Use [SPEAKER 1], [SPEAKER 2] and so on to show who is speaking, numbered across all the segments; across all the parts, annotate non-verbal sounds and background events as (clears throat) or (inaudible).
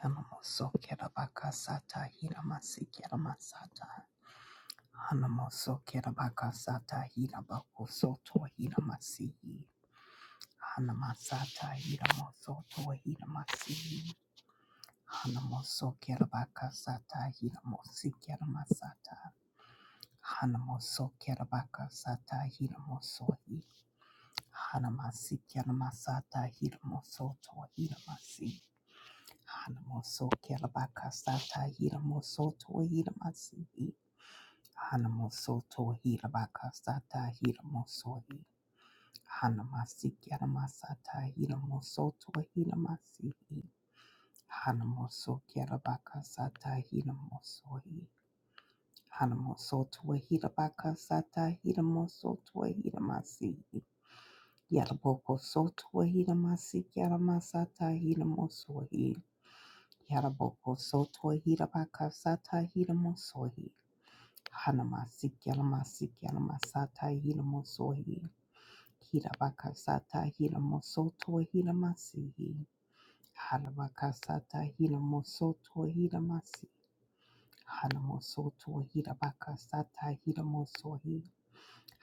[SPEAKER 1] Yanamoso kerabakasata hiramasi keramasata. Hanamoso kerabakasata hirabakosoto hiramasihi. Hanamasata hiramosoto hiramasihi. Hanamoso kerabakasata hiramosi keramasata. Hanamoso kerabakasata hiramosohi. Hanamasi keramasata hiramosoto hiramasi. Hanamosokelabakasata hiramosoto hiramasihi. Hanamosoto hirabakasata hiramosohi. Hanamasikiaramasata hiramosoto hiramasihi. Hanamosokelabakasata hiramosohi. Hanamosoto hirabakasata hiramosoto hiramasihi. Yaraboko soto hiramasikiaramasata hiramosohi. Yaraboko soto hira bakasata hira mosohi. Hanamasik yalamasik yalamasata hira mosohi. Hira bakasata hira mosoto hira masihi. Harabakasata hira mosoto hira masi. Hanamosoto hira bakasata hira mosohi.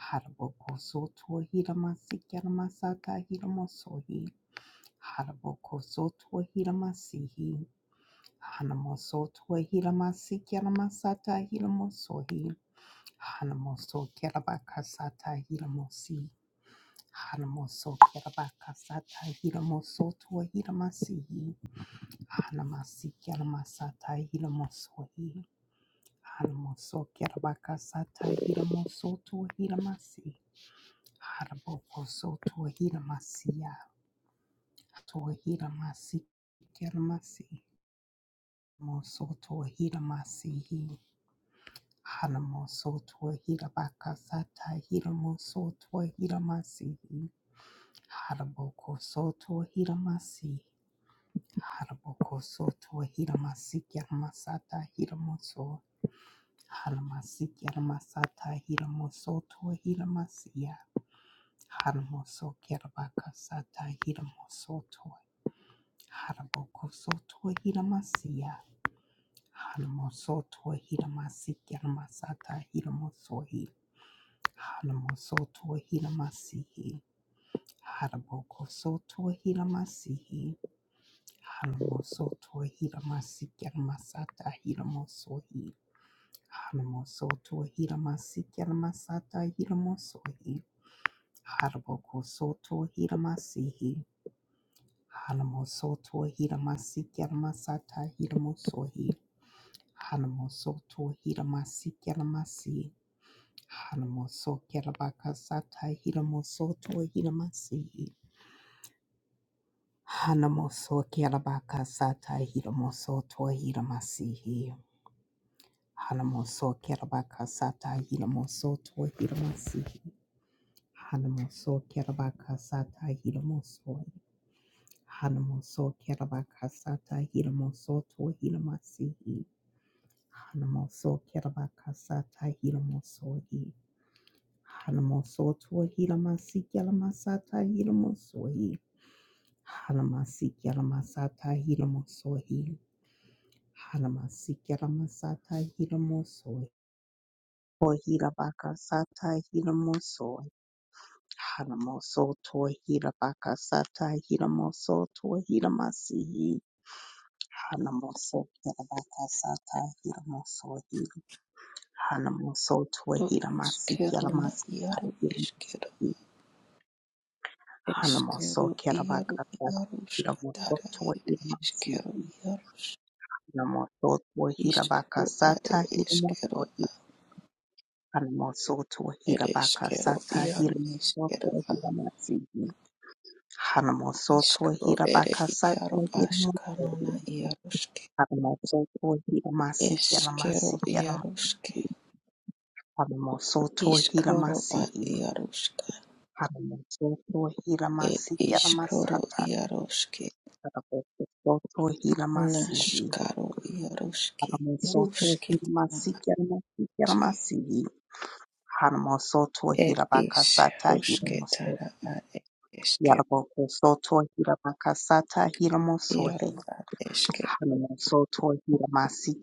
[SPEAKER 1] Haraboko soto hira masik yalamasata hira mosohi. Haraboko soto hira masihi. Hanamoso tuahilamasi kialamasata hilamosohi. Hanamoso kialabakasata hilamosi. Hanamoso kialabakasata hilamoso tuahilamasihi. Hanamasi kialamasata hilamosohi. Hanamoso kialabakasata hilamoso tuahilamasi. Hanabokoso tuahilamasiya. Tuahilamasi kialamasi. Moso tuahilamasihi. Haramosotwa Hirabakasata Hiramosotwa Hiramasihi Haraboko Sotwa Hiramasi Haraboko Sotwa Hiramasikya Masata Hiramoso Haramasikya Masata Hiramosotwa Hiramasiya Haramoso Kirabakasata Hiramosotwa Haraboko Sotwa Hiramasiya Haramosotwa Hiramasikya Masata Hiramosohi Hanamoso soto Hanamosoto Hilamasihi. Haraboko Soto Hilamasihi. Hanamosoto Hilamasikyalamasata Hilamosohi. Hanamosoto Hilamasikyalamasata Hilamosohi. Haraboko Soto hila masihi. Hanamoso soto hila masiki masata hila mosohi. Hanamoso soto. hila masiki masihi, Hilamasihi. Hanamosoto Hilamasikyalamasata Hilamosohi. Hanamosoto Hilamasikyalamashi. Hanamosokyalabakasata Hilamosoto Hilamasihi. Hanamoso kerabaka sata hiramoso to hiramasihi. Hanamoso kerabaka sata hiramoso to hiramasihi. Hanamoso kerabaka sata hiramoso. Hanamoso kerabaka sata hiramoso to hiramasihi. Hanamoso kerabaka sata hiramoso. Hanamoso to hiramasi kelamasata hiramoso. Hanamasi kelamasata hiramoso. Halamasiki Lamasata Hilamoso Hilabaka Sata Hilamoso Halamoso to Hilabaka Sata Hilamoso to Hilamasi Halamoso Hilabaka Sata Hilamoso Halamoso to
[SPEAKER 2] Ro
[SPEAKER 1] Hilamasi
[SPEAKER 2] iskero na
[SPEAKER 1] Kalamasata
[SPEAKER 2] iaro iskero
[SPEAKER 1] Hilamoso
[SPEAKER 2] eskero
[SPEAKER 1] Halamoso
[SPEAKER 2] iaro
[SPEAKER 1] Kilabaka Sata
[SPEAKER 2] iaruska
[SPEAKER 1] Hilamoso
[SPEAKER 2] dara
[SPEAKER 1] to
[SPEAKER 2] ed
[SPEAKER 1] Hilamasi
[SPEAKER 2] eskero iarus
[SPEAKER 1] Hilamoso to
[SPEAKER 2] iskro
[SPEAKER 1] Hilabaka
[SPEAKER 2] are
[SPEAKER 1] Sata
[SPEAKER 2] eskero
[SPEAKER 1] Hilamoso Hanamosoto
[SPEAKER 2] ere eskero
[SPEAKER 1] Hirabakasata
[SPEAKER 2] iaro iskero
[SPEAKER 1] Hiramosoto Hiramasihi Hanamosoto
[SPEAKER 2] iskro ere
[SPEAKER 1] Hirabakasata
[SPEAKER 2] iaro
[SPEAKER 1] Hiramosoto
[SPEAKER 2] askano na iaruske
[SPEAKER 1] Hanamosoto Hiramasihi
[SPEAKER 2] eskero
[SPEAKER 1] Hiramasihi
[SPEAKER 2] iaruske
[SPEAKER 1] Hanamosoto
[SPEAKER 2] iskoro a
[SPEAKER 1] Hiramasihi
[SPEAKER 2] iaruska
[SPEAKER 1] Hanamosoto
[SPEAKER 2] ed
[SPEAKER 1] Hiramasihi
[SPEAKER 2] iskoro
[SPEAKER 1] Hiramasata
[SPEAKER 2] iaruske
[SPEAKER 1] Hanamosoto Hiramasihi
[SPEAKER 2] naskaro iaruski
[SPEAKER 1] Hanamosoto
[SPEAKER 2] ruske na
[SPEAKER 1] Hiramasihi Hiramasihi Hiramasihi Hanamosoto
[SPEAKER 2] It is
[SPEAKER 1] Hirabakasata
[SPEAKER 2] Ruske
[SPEAKER 1] Hirimosoto
[SPEAKER 2] Tara at Eske
[SPEAKER 1] Yaraboko soto hiramakasata
[SPEAKER 2] Yaru
[SPEAKER 1] hiramosohi.
[SPEAKER 2] at Eske
[SPEAKER 1] Hanamosoto hiramasi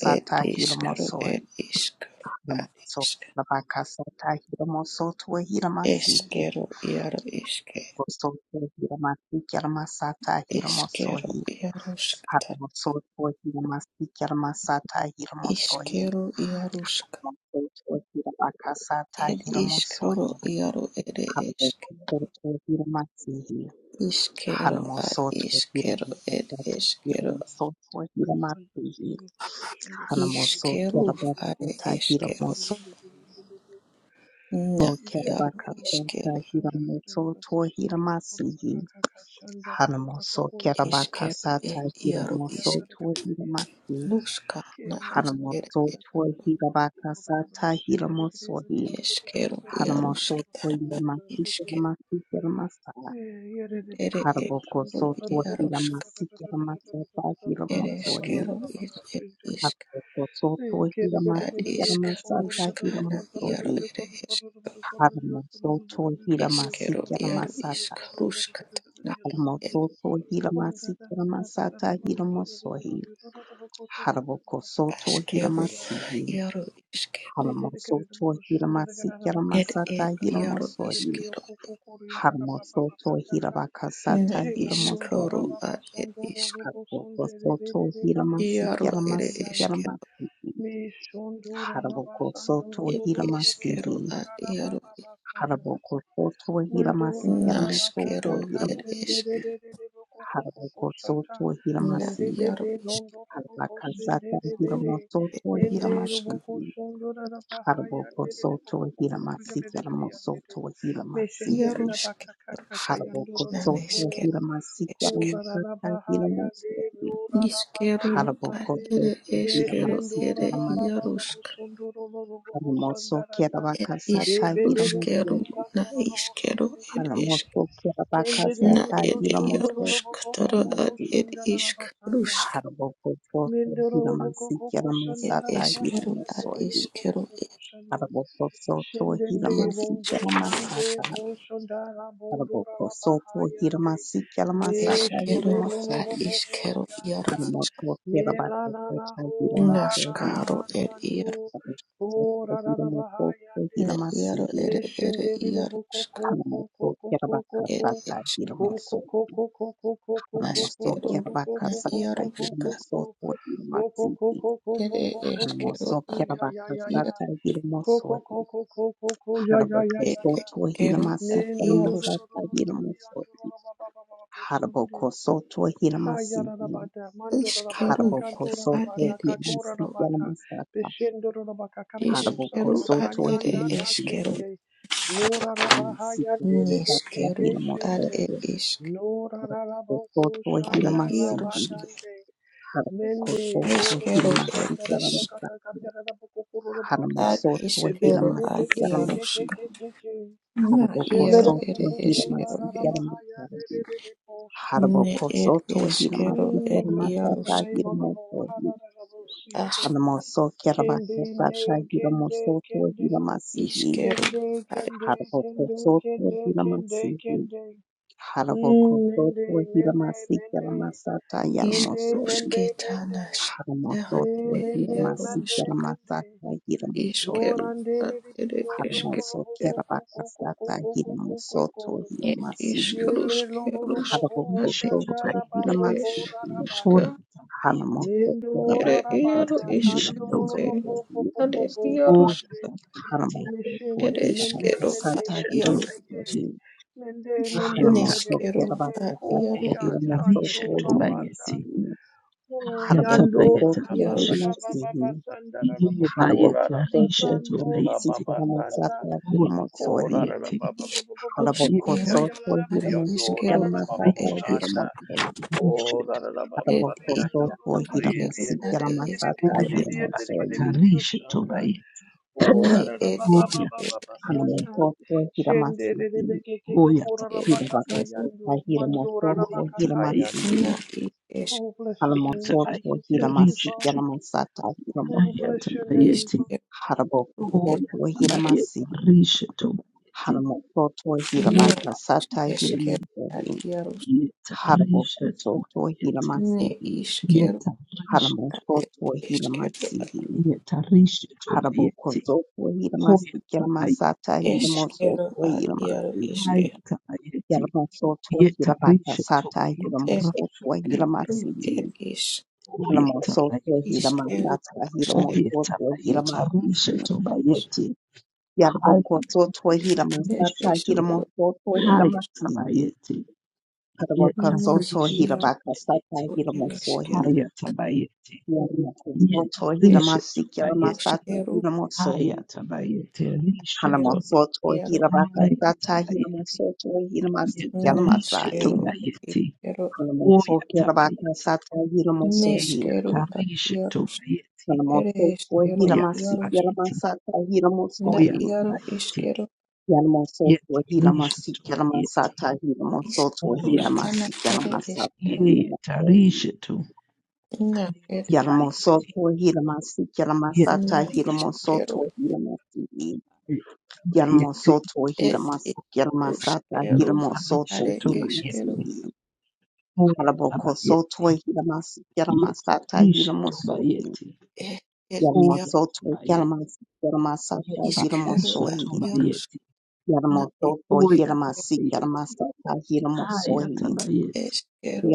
[SPEAKER 2] It is Kru It
[SPEAKER 1] hiramosohi.
[SPEAKER 2] is Kru at
[SPEAKER 1] Hanamoso
[SPEAKER 2] Iske
[SPEAKER 1] hiramakasata hiramosoto hiramasihi.
[SPEAKER 2] Eskero Yaru Iske
[SPEAKER 1] Soto hiramasi yaramasata
[SPEAKER 2] Eskero
[SPEAKER 1] hiramosohi.
[SPEAKER 2] Yaruska Tara
[SPEAKER 1] Hanamosoto hiramasi yaramasata hiramosohi.
[SPEAKER 2] Iskero Yaruska
[SPEAKER 1] Soto hiramakasata
[SPEAKER 2] It is
[SPEAKER 1] hiramosohi.
[SPEAKER 2] Kru Yaru It Iske
[SPEAKER 1] Hanamosoto hiramasihi.
[SPEAKER 2] Iskero
[SPEAKER 1] Hanamo
[SPEAKER 2] at
[SPEAKER 1] sotwe
[SPEAKER 2] Iskero It
[SPEAKER 1] kirabasat
[SPEAKER 2] Iskero
[SPEAKER 1] hiramo sotwe
[SPEAKER 3] Shanda
[SPEAKER 1] hiramati hanamo so
[SPEAKER 2] Iskero at
[SPEAKER 1] kirabasata hiramo
[SPEAKER 2] Eskero
[SPEAKER 1] so
[SPEAKER 2] Na Yaru
[SPEAKER 1] kirabakasata
[SPEAKER 2] Iskero
[SPEAKER 1] hiramo sotwe hiramasi hanamo so
[SPEAKER 2] Iskero
[SPEAKER 1] kirabakasata
[SPEAKER 2] It Yaru
[SPEAKER 1] hiramo sotwe hiramati
[SPEAKER 2] Ruska na
[SPEAKER 1] hanamo
[SPEAKER 2] isker
[SPEAKER 1] sotwe hirabakasata hiramo sohi
[SPEAKER 2] eskeru
[SPEAKER 1] hanamo
[SPEAKER 2] iaruska
[SPEAKER 1] sotwe hiramasi
[SPEAKER 2] isker
[SPEAKER 1] hiramasi hiramasa
[SPEAKER 2] ere
[SPEAKER 1] Harboko
[SPEAKER 2] eskeru
[SPEAKER 1] sotwe
[SPEAKER 2] iaruska
[SPEAKER 1] hiramasi hiramasata hiramo
[SPEAKER 2] ere
[SPEAKER 1] sohi
[SPEAKER 2] eskeru is e, isk
[SPEAKER 1] Soto
[SPEAKER 3] Thank you.
[SPEAKER 1] Hirama
[SPEAKER 2] ad isk
[SPEAKER 1] Sikarama Sata
[SPEAKER 2] ruska na
[SPEAKER 1] Hiramo
[SPEAKER 2] iaru
[SPEAKER 1] Sohi
[SPEAKER 2] ere esk
[SPEAKER 1] Haramo Soto Hirama
[SPEAKER 2] eskeru
[SPEAKER 1] Sikarama
[SPEAKER 2] iaru isk
[SPEAKER 1] Sata
[SPEAKER 2] ruska na
[SPEAKER 1] Haramo
[SPEAKER 2] ed
[SPEAKER 1] Soto Hirama Sikarama Sata Hiramo Sohi Harboko Soto
[SPEAKER 2] askeru
[SPEAKER 1] Hirama Sihi
[SPEAKER 2] iaru iskeru
[SPEAKER 1] Haramo Soto Hirama Sikarama
[SPEAKER 2] ed
[SPEAKER 1] Sata
[SPEAKER 2] ed
[SPEAKER 1] Hiramo
[SPEAKER 2] iaru
[SPEAKER 1] Sohi
[SPEAKER 2] iskeru
[SPEAKER 1] Haramo Soto Hirabaka
[SPEAKER 2] na
[SPEAKER 1] Sata Hiramo
[SPEAKER 2] iskoro
[SPEAKER 1] Sohi
[SPEAKER 2] ad ed isk
[SPEAKER 1] Harboko Soto Hirama
[SPEAKER 2] iaru
[SPEAKER 1] Sikarama
[SPEAKER 2] ere
[SPEAKER 1] Sikarama
[SPEAKER 2] eskeru
[SPEAKER 1] Sihi Harboko Soto
[SPEAKER 2] ed
[SPEAKER 1] Hirama
[SPEAKER 2] eskeru
[SPEAKER 1] Sihi
[SPEAKER 2] ad iaru
[SPEAKER 3] Yende
[SPEAKER 1] Haraboko soto hiramasi
[SPEAKER 3] Mandora
[SPEAKER 1] yaramoso
[SPEAKER 3] Rabaka
[SPEAKER 2] Naskero
[SPEAKER 3] Kaka
[SPEAKER 2] ed
[SPEAKER 1] hiramasi
[SPEAKER 2] isk.
[SPEAKER 3] Sendere
[SPEAKER 1] haraboko
[SPEAKER 3] Koko Sata
[SPEAKER 1] soto
[SPEAKER 2] Na
[SPEAKER 1] hiramasi
[SPEAKER 3] Sende de
[SPEAKER 2] yaro
[SPEAKER 3] Sendede
[SPEAKER 2] iskru
[SPEAKER 3] Londo Robo
[SPEAKER 1] harabaka sata
[SPEAKER 3] Sendere
[SPEAKER 1] hiramoso
[SPEAKER 2] ed
[SPEAKER 1] to
[SPEAKER 3] Mende
[SPEAKER 1] hiramasi
[SPEAKER 2] yaruska.
[SPEAKER 3] Roboko Sondora Rabahaya
[SPEAKER 1] haraboko
[SPEAKER 3] Dede
[SPEAKER 1] soto
[SPEAKER 3] Boko Koko
[SPEAKER 1] hiramasi yaramoso
[SPEAKER 3] Yandede
[SPEAKER 1] to hiramasi
[SPEAKER 3] Meshendere
[SPEAKER 2] Yaruske
[SPEAKER 3] Rabaka Kaka
[SPEAKER 2] yaruska.
[SPEAKER 1] haraboko
[SPEAKER 3] Yandoro
[SPEAKER 2] Na
[SPEAKER 1] soto
[SPEAKER 2] nesker
[SPEAKER 3] Boko
[SPEAKER 1] hiramasi
[SPEAKER 2] esker.
[SPEAKER 3] Kora
[SPEAKER 1] yaramoso
[SPEAKER 3] Rabahaya
[SPEAKER 1] hiramoso
[SPEAKER 3] De Lora
[SPEAKER 2] Iskero
[SPEAKER 3] Rababa
[SPEAKER 2] ad
[SPEAKER 1] haraboko
[SPEAKER 3] Sande
[SPEAKER 2] ere
[SPEAKER 1] soto
[SPEAKER 2] eskero
[SPEAKER 1] hiramasi
[SPEAKER 3] Meshendora
[SPEAKER 2] ere
[SPEAKER 1] yaramasi
[SPEAKER 3] Rababa
[SPEAKER 2] yarusk.
[SPEAKER 3] Sondoro Robo
[SPEAKER 1] haramoso
[SPEAKER 3] Sandarada
[SPEAKER 2] Ed
[SPEAKER 1] kerabaka sata hiramoso
[SPEAKER 2] iskruskero na iskero ed isk.
[SPEAKER 1] haramoso kerabaka
[SPEAKER 2] Na
[SPEAKER 1] sata
[SPEAKER 2] ed
[SPEAKER 1] hiramoso
[SPEAKER 2] yarusk tara ad
[SPEAKER 1] hiramasi
[SPEAKER 2] ed isk. Ruska
[SPEAKER 1] Harabokosoto
[SPEAKER 2] ed
[SPEAKER 1] Hiramasikiramasata
[SPEAKER 2] eskero ad
[SPEAKER 1] Hiramosohi
[SPEAKER 2] iskero ed
[SPEAKER 1] Harabokosoto
[SPEAKER 3] Shendende
[SPEAKER 2] ed isk.
[SPEAKER 3] bondo shande
[SPEAKER 1] Hiramasikiramasata
[SPEAKER 3] bo shondara bondo rala
[SPEAKER 1] Harabokosoto
[SPEAKER 3] bahayande me
[SPEAKER 1] Hiramasikiramasata
[SPEAKER 3] shele
[SPEAKER 2] Eskero
[SPEAKER 3] lo lo
[SPEAKER 2] ad
[SPEAKER 3] lo
[SPEAKER 1] Hiramosohi
[SPEAKER 3] boho
[SPEAKER 2] iskero
[SPEAKER 3] yanda
[SPEAKER 2] yarusk.
[SPEAKER 3] me la la la
[SPEAKER 1] Haramokokirabakokota
[SPEAKER 3] ho ra ra
[SPEAKER 1] Hiramosohi
[SPEAKER 3] ba
[SPEAKER 2] Nashkaro ed
[SPEAKER 3] sandu.
[SPEAKER 2] iero,
[SPEAKER 3] ho
[SPEAKER 1] Harabokosoto
[SPEAKER 3] ra ra ra
[SPEAKER 1] Hiramokoto
[SPEAKER 3] bahayande
[SPEAKER 2] na iero
[SPEAKER 1] Hiramasihi
[SPEAKER 3] Sunday.
[SPEAKER 2] ere ere ierosk, ed
[SPEAKER 1] Haramokokirabakasata
[SPEAKER 2] esk
[SPEAKER 1] Hiramoso
[SPEAKER 2] askero, na
[SPEAKER 1] Haramosokirabakasata
[SPEAKER 2] ieroska,
[SPEAKER 1] Hiramosoto Hiramasihi
[SPEAKER 2] ere eskero a ier,
[SPEAKER 1] Hanamosokerabakasata hirimosohi.
[SPEAKER 2] ed
[SPEAKER 1] Harabokosoto
[SPEAKER 2] eskero a ieros,
[SPEAKER 1] hiramasikaramasata hirimosohi. Harabokosoto hiramasihi.
[SPEAKER 3] Hayarabata,
[SPEAKER 2] iskeru,
[SPEAKER 3] Mandorabata,
[SPEAKER 2] na ad
[SPEAKER 1] Harabokosoto
[SPEAKER 3] Kandorabata,
[SPEAKER 2] ed eskero,
[SPEAKER 3] Kakorabata,
[SPEAKER 1] hiramasikaramasata.
[SPEAKER 3] Bishindorabaka, Karakaru
[SPEAKER 2] iskeru
[SPEAKER 3] Santa,
[SPEAKER 2] ad
[SPEAKER 1] Harabokosoto
[SPEAKER 2] ere
[SPEAKER 3] Kandanda, Da
[SPEAKER 2] eskero,
[SPEAKER 1] hiramasihi.
[SPEAKER 3] Shinde, Nora Rabahaya,
[SPEAKER 1] Haramasikaramasata
[SPEAKER 2] neskeru
[SPEAKER 3] Dedebeke,
[SPEAKER 2] ad
[SPEAKER 3] Shinde,
[SPEAKER 2] ed
[SPEAKER 1] hirimosohi.
[SPEAKER 2] isk,
[SPEAKER 3] Nora Raboko,
[SPEAKER 1] Kosoto
[SPEAKER 2] are
[SPEAKER 3] Shanda,
[SPEAKER 1] hiramasihi.
[SPEAKER 2] ieroske,
[SPEAKER 3] Labadande, Mende,
[SPEAKER 1] Harabokosoto
[SPEAKER 3] Dodo
[SPEAKER 2] eskero
[SPEAKER 3] Sanda,
[SPEAKER 2] ed isk,
[SPEAKER 1] hiramasikaramasata.
[SPEAKER 3] Rabaka, Karabako, Kurobrosa,
[SPEAKER 2] ad
[SPEAKER 1] Haramosoto
[SPEAKER 2] iskero
[SPEAKER 3] Shebebe,
[SPEAKER 2] ad
[SPEAKER 3] Beke, Keke,
[SPEAKER 1] hiramasikaramasata.
[SPEAKER 2] ierosk.
[SPEAKER 3] Keke, Keke,
[SPEAKER 2] Na
[SPEAKER 3] Shele
[SPEAKER 2] iaro
[SPEAKER 1] Harabokosoto
[SPEAKER 2] ere
[SPEAKER 3] Raboko,
[SPEAKER 2] eskero
[SPEAKER 1] hiramasi
[SPEAKER 2] e.
[SPEAKER 3] Rabahaya,
[SPEAKER 1] yaramasahi.
[SPEAKER 3] Dedebo,
[SPEAKER 2] Ne ere
[SPEAKER 1] Harabokosoto
[SPEAKER 2] eskero
[SPEAKER 1] hiramasi
[SPEAKER 2] ere
[SPEAKER 3] Mm, blessed be
[SPEAKER 2] iaro
[SPEAKER 3] the
[SPEAKER 1] yaramasata
[SPEAKER 3] name of the Lord.
[SPEAKER 1] hiramosohi.
[SPEAKER 2] skas
[SPEAKER 3] Hararabosite.
[SPEAKER 1] Haramoso
[SPEAKER 3] Kende, nde,
[SPEAKER 1] kerabakasata
[SPEAKER 3] kende,
[SPEAKER 1] hiramosoto
[SPEAKER 3] kende,
[SPEAKER 1] hiramasihi.
[SPEAKER 2] iskero
[SPEAKER 3] kende,
[SPEAKER 2] are
[SPEAKER 3] kende, kende,
[SPEAKER 1] Harabokosoto
[SPEAKER 3] kende, kende,
[SPEAKER 1] hiramasihi.
[SPEAKER 3] kende. Mm, mende,
[SPEAKER 1] Harabokosoto
[SPEAKER 3] mende,
[SPEAKER 1] hiramasi
[SPEAKER 3] mende,
[SPEAKER 1] yaramasata
[SPEAKER 3] mende,
[SPEAKER 1] yaramoso.
[SPEAKER 3] mende, mende.
[SPEAKER 2] iskrusketana sketera
[SPEAKER 1] Haramosoto
[SPEAKER 3] Eh,
[SPEAKER 2] ere
[SPEAKER 3] mende,
[SPEAKER 2] iaro
[SPEAKER 1] hiramasi
[SPEAKER 3] mende, mende.
[SPEAKER 1] yaramasata
[SPEAKER 2] iskero
[SPEAKER 1] hiramosohi.
[SPEAKER 3] Shorande,
[SPEAKER 2] ad ere
[SPEAKER 3] ribidiondo,
[SPEAKER 2] eskero
[SPEAKER 1] Haramoso
[SPEAKER 3] rorobo,
[SPEAKER 2] e.
[SPEAKER 3] koko, koko,
[SPEAKER 1] kerabakasata
[SPEAKER 3] koko, koko,
[SPEAKER 1] hiramosoto
[SPEAKER 3] koko.
[SPEAKER 2] Ne
[SPEAKER 1] hiramasihi.
[SPEAKER 3] Yele,
[SPEAKER 2] iskruskero
[SPEAKER 1] Haraboko
[SPEAKER 3] rorobo,
[SPEAKER 2] ad iaro
[SPEAKER 3] sandara,
[SPEAKER 4] Rishetubayeti,
[SPEAKER 2] ere
[SPEAKER 3] babo,
[SPEAKER 1] totohiromasi,
[SPEAKER 2] eskruska
[SPEAKER 3] bora
[SPEAKER 4] Hoyatabayeti,
[SPEAKER 1] hanamoko kera
[SPEAKER 3] Mendo
[SPEAKER 2] ere
[SPEAKER 1] baka
[SPEAKER 2] iaro
[SPEAKER 3] rarabada
[SPEAKER 1] taiga
[SPEAKER 2] iskero
[SPEAKER 3] kandoro
[SPEAKER 2] e.
[SPEAKER 3] bo
[SPEAKER 4] Yetarishetubayeti,
[SPEAKER 3] bo bo bo
[SPEAKER 2] Ad
[SPEAKER 3] bo bo
[SPEAKER 1] hiromotsotohiromasi,
[SPEAKER 2] iaro
[SPEAKER 3] rarande
[SPEAKER 2] ska
[SPEAKER 4] Hoyatabayeti,
[SPEAKER 1] hanamoko
[SPEAKER 3] mishende
[SPEAKER 2] ere
[SPEAKER 1] kohi baka
[SPEAKER 3] mende
[SPEAKER 2] eskero
[SPEAKER 3] mende
[SPEAKER 1] sataga
[SPEAKER 3] mende
[SPEAKER 2] ad
[SPEAKER 1] hiromo
[SPEAKER 3] mende
[SPEAKER 1] soyi,
[SPEAKER 4] Yetarishetubayeti,
[SPEAKER 3] mende mende
[SPEAKER 4] Hoyata,
[SPEAKER 1] hanamoko
[SPEAKER 3] ledede
[SPEAKER 1] sohi
[SPEAKER 2] Neskero
[SPEAKER 1] baka
[SPEAKER 3] hende
[SPEAKER 2] a
[SPEAKER 3] ko
[SPEAKER 1] taiga
[SPEAKER 2] iaro
[SPEAKER 3] ya
[SPEAKER 1] hiromo
[SPEAKER 2] iskeros
[SPEAKER 3] sando rabanda
[SPEAKER 1] sohihiromasi,
[SPEAKER 4] Yetarishetubayeti,
[SPEAKER 3] ko
[SPEAKER 2] e
[SPEAKER 1] haraboko
[SPEAKER 3] yando raraba ba
[SPEAKER 2] iaros
[SPEAKER 3] ba
[SPEAKER 4] Hayatabayetarishetu,
[SPEAKER 3] ba
[SPEAKER 1] totohiromasi,
[SPEAKER 3] ba sanda rarabo ko
[SPEAKER 1] haraboko
[SPEAKER 3] raraba sando
[SPEAKER 1] totohiromasi,
[SPEAKER 4] Yebayetarishetubayeti,
[SPEAKER 3] rababa
[SPEAKER 1] hanamoko
[SPEAKER 3] sanda
[SPEAKER 1] sataga hiromo
[SPEAKER 3] ko
[SPEAKER 1] soyi,
[SPEAKER 3] raraba ba
[SPEAKER 4] Hoyatabayeti,
[SPEAKER 3] ba ba ba ba ba ba
[SPEAKER 1] haraboko
[SPEAKER 3] ko ya
[SPEAKER 2] iskeroskero
[SPEAKER 3] ya raraba
[SPEAKER 2] are
[SPEAKER 1] totohiromasi,
[SPEAKER 3] yando
[SPEAKER 2] iskero
[SPEAKER 3] raraba
[SPEAKER 1] jarama
[SPEAKER 2] a
[SPEAKER 3] ba ba ba
[SPEAKER 1] sataga
[SPEAKER 2] et isk
[SPEAKER 1] hiromo
[SPEAKER 3] anda
[SPEAKER 1] soyi.
[SPEAKER 4] Yetarishetubayeti,
[SPEAKER 3] Oh, da
[SPEAKER 4] Rishetu,
[SPEAKER 3] da da ba ba
[SPEAKER 2] et
[SPEAKER 3] ba di
[SPEAKER 1] Araboko
[SPEAKER 3] yanda, oh,
[SPEAKER 1] for
[SPEAKER 3] da ba di yanda,
[SPEAKER 2] iskero
[SPEAKER 4] Hayatabayeti,
[SPEAKER 1] Hiramasi
[SPEAKER 3] yanda,
[SPEAKER 2] are
[SPEAKER 3] yanda, gidi di,
[SPEAKER 1] Yaramasaka
[SPEAKER 2] iskero
[SPEAKER 3] gidi
[SPEAKER 2] et
[SPEAKER 3] di, yanda, di, gidi di,
[SPEAKER 1] Hiramosoyi
[SPEAKER 3] di, yoshanda.
[SPEAKER 4] Hoyatabayetarishetubayeti,
[SPEAKER 3] Oh,
[SPEAKER 2] ne
[SPEAKER 3] da da da
[SPEAKER 2] et
[SPEAKER 3] ba ba ba ba ba
[SPEAKER 2] eskero
[SPEAKER 3] ba
[SPEAKER 4] Hoyatabayeti,
[SPEAKER 3] santa.
[SPEAKER 1] Hanamoko for
[SPEAKER 3] Shende de
[SPEAKER 1] Hiramasi
[SPEAKER 3] de de ke ke ke
[SPEAKER 4] Oya
[SPEAKER 3] ko ra ra ba ka
[SPEAKER 4] tabayeti,
[SPEAKER 3] ka
[SPEAKER 2] eskero
[SPEAKER 1] Hirabakasa
[SPEAKER 3] yando, mando ra
[SPEAKER 1] Hiramoko
[SPEAKER 3] ra ba
[SPEAKER 4] oya
[SPEAKER 1] for
[SPEAKER 3] ka ka yande.
[SPEAKER 4] tabayeti,
[SPEAKER 2] na
[SPEAKER 1] Hiramasi
[SPEAKER 2] it esk
[SPEAKER 3] Oh, bless your
[SPEAKER 4] oya
[SPEAKER 3] name,
[SPEAKER 1] Hanamoso for
[SPEAKER 3] Jesus.
[SPEAKER 4] tabayeti,
[SPEAKER 3] Thank you,
[SPEAKER 1] Hiramasi
[SPEAKER 3] Father.
[SPEAKER 4] rishetu.
[SPEAKER 1] Yaramasaka
[SPEAKER 3] Oh,
[SPEAKER 4] Aya
[SPEAKER 3] bless
[SPEAKER 1] Hiramosoyi
[SPEAKER 3] your name,
[SPEAKER 4] tabayeti,
[SPEAKER 3] Father.
[SPEAKER 2] iskero
[SPEAKER 1] Haraboko for
[SPEAKER 2] et
[SPEAKER 4] oya tabayeti,
[SPEAKER 1] Hiramasi
[SPEAKER 4] rishetu bayeti,
[SPEAKER 1] Hanamoko
[SPEAKER 2] no
[SPEAKER 4] oya
[SPEAKER 1] Hirabakasa
[SPEAKER 4] tabayeti,
[SPEAKER 2] eskero a
[SPEAKER 1] Hiramosoyi
[SPEAKER 2] iaros
[SPEAKER 4] yeta
[SPEAKER 1] Haraboko
[SPEAKER 4] rishetu
[SPEAKER 1] for
[SPEAKER 4] bayeti,
[SPEAKER 2] ne
[SPEAKER 1] Hiramasi
[SPEAKER 2] iskero
[SPEAKER 4] yeta rishetu,
[SPEAKER 2] ar
[SPEAKER 1] Hanamoko
[SPEAKER 2] et
[SPEAKER 1] for
[SPEAKER 2] eskero ar
[SPEAKER 1] Hiramasi
[SPEAKER 4] yeta rishetu bayeti,
[SPEAKER 1] Harabokozo Hiramasi
[SPEAKER 4] oya tabayeti,
[SPEAKER 1] Yaramasata
[SPEAKER 4] rishetu,
[SPEAKER 1] Hiramoso
[SPEAKER 2] eskero ar iaro
[SPEAKER 1] Hiramasi
[SPEAKER 2] iske
[SPEAKER 4] aya tabayeti,
[SPEAKER 1] Yaramoso
[SPEAKER 4] yeta
[SPEAKER 1] Hirabaka
[SPEAKER 4] rishetu
[SPEAKER 1] Sata
[SPEAKER 4] bayeti,
[SPEAKER 1] Hiramoso
[SPEAKER 2] et
[SPEAKER 4] rashati
[SPEAKER 2] ru
[SPEAKER 1] Hiramasi
[SPEAKER 4] bayeti,
[SPEAKER 2] et is
[SPEAKER 4] oya
[SPEAKER 1] Hiramoso
[SPEAKER 4] tabayeti,
[SPEAKER 2] iskero
[SPEAKER 1] Hiramasata Hiramoso
[SPEAKER 4] Oyetabayeta
[SPEAKER 2] Eskero,
[SPEAKER 1] Hiramasi
[SPEAKER 4] rusheto bayeti.
[SPEAKER 1] Yarabokozo
[SPEAKER 4] Hayatabayeta
[SPEAKER 2] e
[SPEAKER 1] Hiramasata
[SPEAKER 4] rusheto.
[SPEAKER 2] eskero,
[SPEAKER 1] Hiramoso
[SPEAKER 2] iaros,
[SPEAKER 1] Hiramasi
[SPEAKER 4] Hayatabayeti. Yeta
[SPEAKER 2] nes
[SPEAKER 1] Harabokozo
[SPEAKER 4] risheto
[SPEAKER 2] iaro
[SPEAKER 1] Hirabaka Sata
[SPEAKER 4] bayeti.
[SPEAKER 2] er
[SPEAKER 1] Hiramoso
[SPEAKER 2] eskero,
[SPEAKER 4] Hayatabayeti. Yeta
[SPEAKER 1] Hiramoso
[SPEAKER 2] e
[SPEAKER 1] Hiramasi
[SPEAKER 4] risheto bayeti.
[SPEAKER 1] Yaramasata
[SPEAKER 2] roskero,
[SPEAKER 1] Hiramoso
[SPEAKER 4] Hayatabayeti
[SPEAKER 2] kero
[SPEAKER 4] risheto.
[SPEAKER 2] et
[SPEAKER 1] Hanamasoto
[SPEAKER 2] iaro,
[SPEAKER 1] Hirabakasata
[SPEAKER 4] Hayatabayeti.
[SPEAKER 1] Hiramasoto Hiramasi
[SPEAKER 4] Yeta risheto
[SPEAKER 1] Yalamasai
[SPEAKER 2] naskero et
[SPEAKER 4] bayeti.
[SPEAKER 2] iskero,
[SPEAKER 1] Hanamosoki
[SPEAKER 4] Oyatabayeti.
[SPEAKER 1] Rabakasata Hiramosohi
[SPEAKER 2] neskero
[SPEAKER 4] Yeta
[SPEAKER 2] at
[SPEAKER 4] risheto
[SPEAKER 2] iaros,
[SPEAKER 4] bayeti.
[SPEAKER 2] ere
[SPEAKER 1] Hanamosoto
[SPEAKER 2] eskero,
[SPEAKER 1] Hiramasi
[SPEAKER 2] iaros,
[SPEAKER 4] Oyatabayeti.
[SPEAKER 1] Yalamasata
[SPEAKER 2] na
[SPEAKER 1] Hiramosohi
[SPEAKER 2] iaro
[SPEAKER 4] Oyatabayeti.
[SPEAKER 2] iskero,
[SPEAKER 1] Yalamosoto
[SPEAKER 4] yetarishe
[SPEAKER 1] Hiramasi
[SPEAKER 4] bayeti
[SPEAKER 1] Yalamasata Hiramosoto
[SPEAKER 2] isros,
[SPEAKER 4] oyata
[SPEAKER 2] ana
[SPEAKER 1] Hiramasi
[SPEAKER 2] ere
[SPEAKER 1] Yalamasata
[SPEAKER 2] eskero,
[SPEAKER 4] ile
[SPEAKER 1] Hiramosohi
[SPEAKER 4] yetarishe
[SPEAKER 2] na er,
[SPEAKER 4] bayeti
[SPEAKER 1] Yalamosoto Hiramasi Yalamasata
[SPEAKER 2] na
[SPEAKER 4] yetarishe tu
[SPEAKER 2] iskero,
[SPEAKER 1] Hiramosoto Hiramasi
[SPEAKER 4] bayeti
[SPEAKER 1] Yalmosoto
[SPEAKER 2] et
[SPEAKER 1] Hiramasi Yalamasata
[SPEAKER 2] iskero,
[SPEAKER 4] yetarishe
[SPEAKER 2] are
[SPEAKER 1] Hiramosoto
[SPEAKER 2] eskero,
[SPEAKER 4] bayeti
[SPEAKER 1] Hiramasi
[SPEAKER 4] oyata
[SPEAKER 1] Kalaboko
[SPEAKER 4] bayeti
[SPEAKER 1] sotwe hilamas yalamasata
[SPEAKER 4] yetarishe
[SPEAKER 1] hilamosoi.
[SPEAKER 4] bayeti
[SPEAKER 2] e
[SPEAKER 4] oyata
[SPEAKER 1] Yalamosoto
[SPEAKER 4] bayeti
[SPEAKER 1] hilamas yalamasata
[SPEAKER 2] Iskero
[SPEAKER 4] yetarishe
[SPEAKER 2] ad
[SPEAKER 1] hilamosoi.
[SPEAKER 4] bayeti
[SPEAKER 2] iaruskana
[SPEAKER 1] Yalamosoto
[SPEAKER 2] ere
[SPEAKER 4] oyata
[SPEAKER 1] hilamasi
[SPEAKER 4] bayeti
[SPEAKER 1] yalamasata
[SPEAKER 4] hayata
[SPEAKER 1] hilamosoi.
[SPEAKER 4] bayeti
[SPEAKER 2] eskero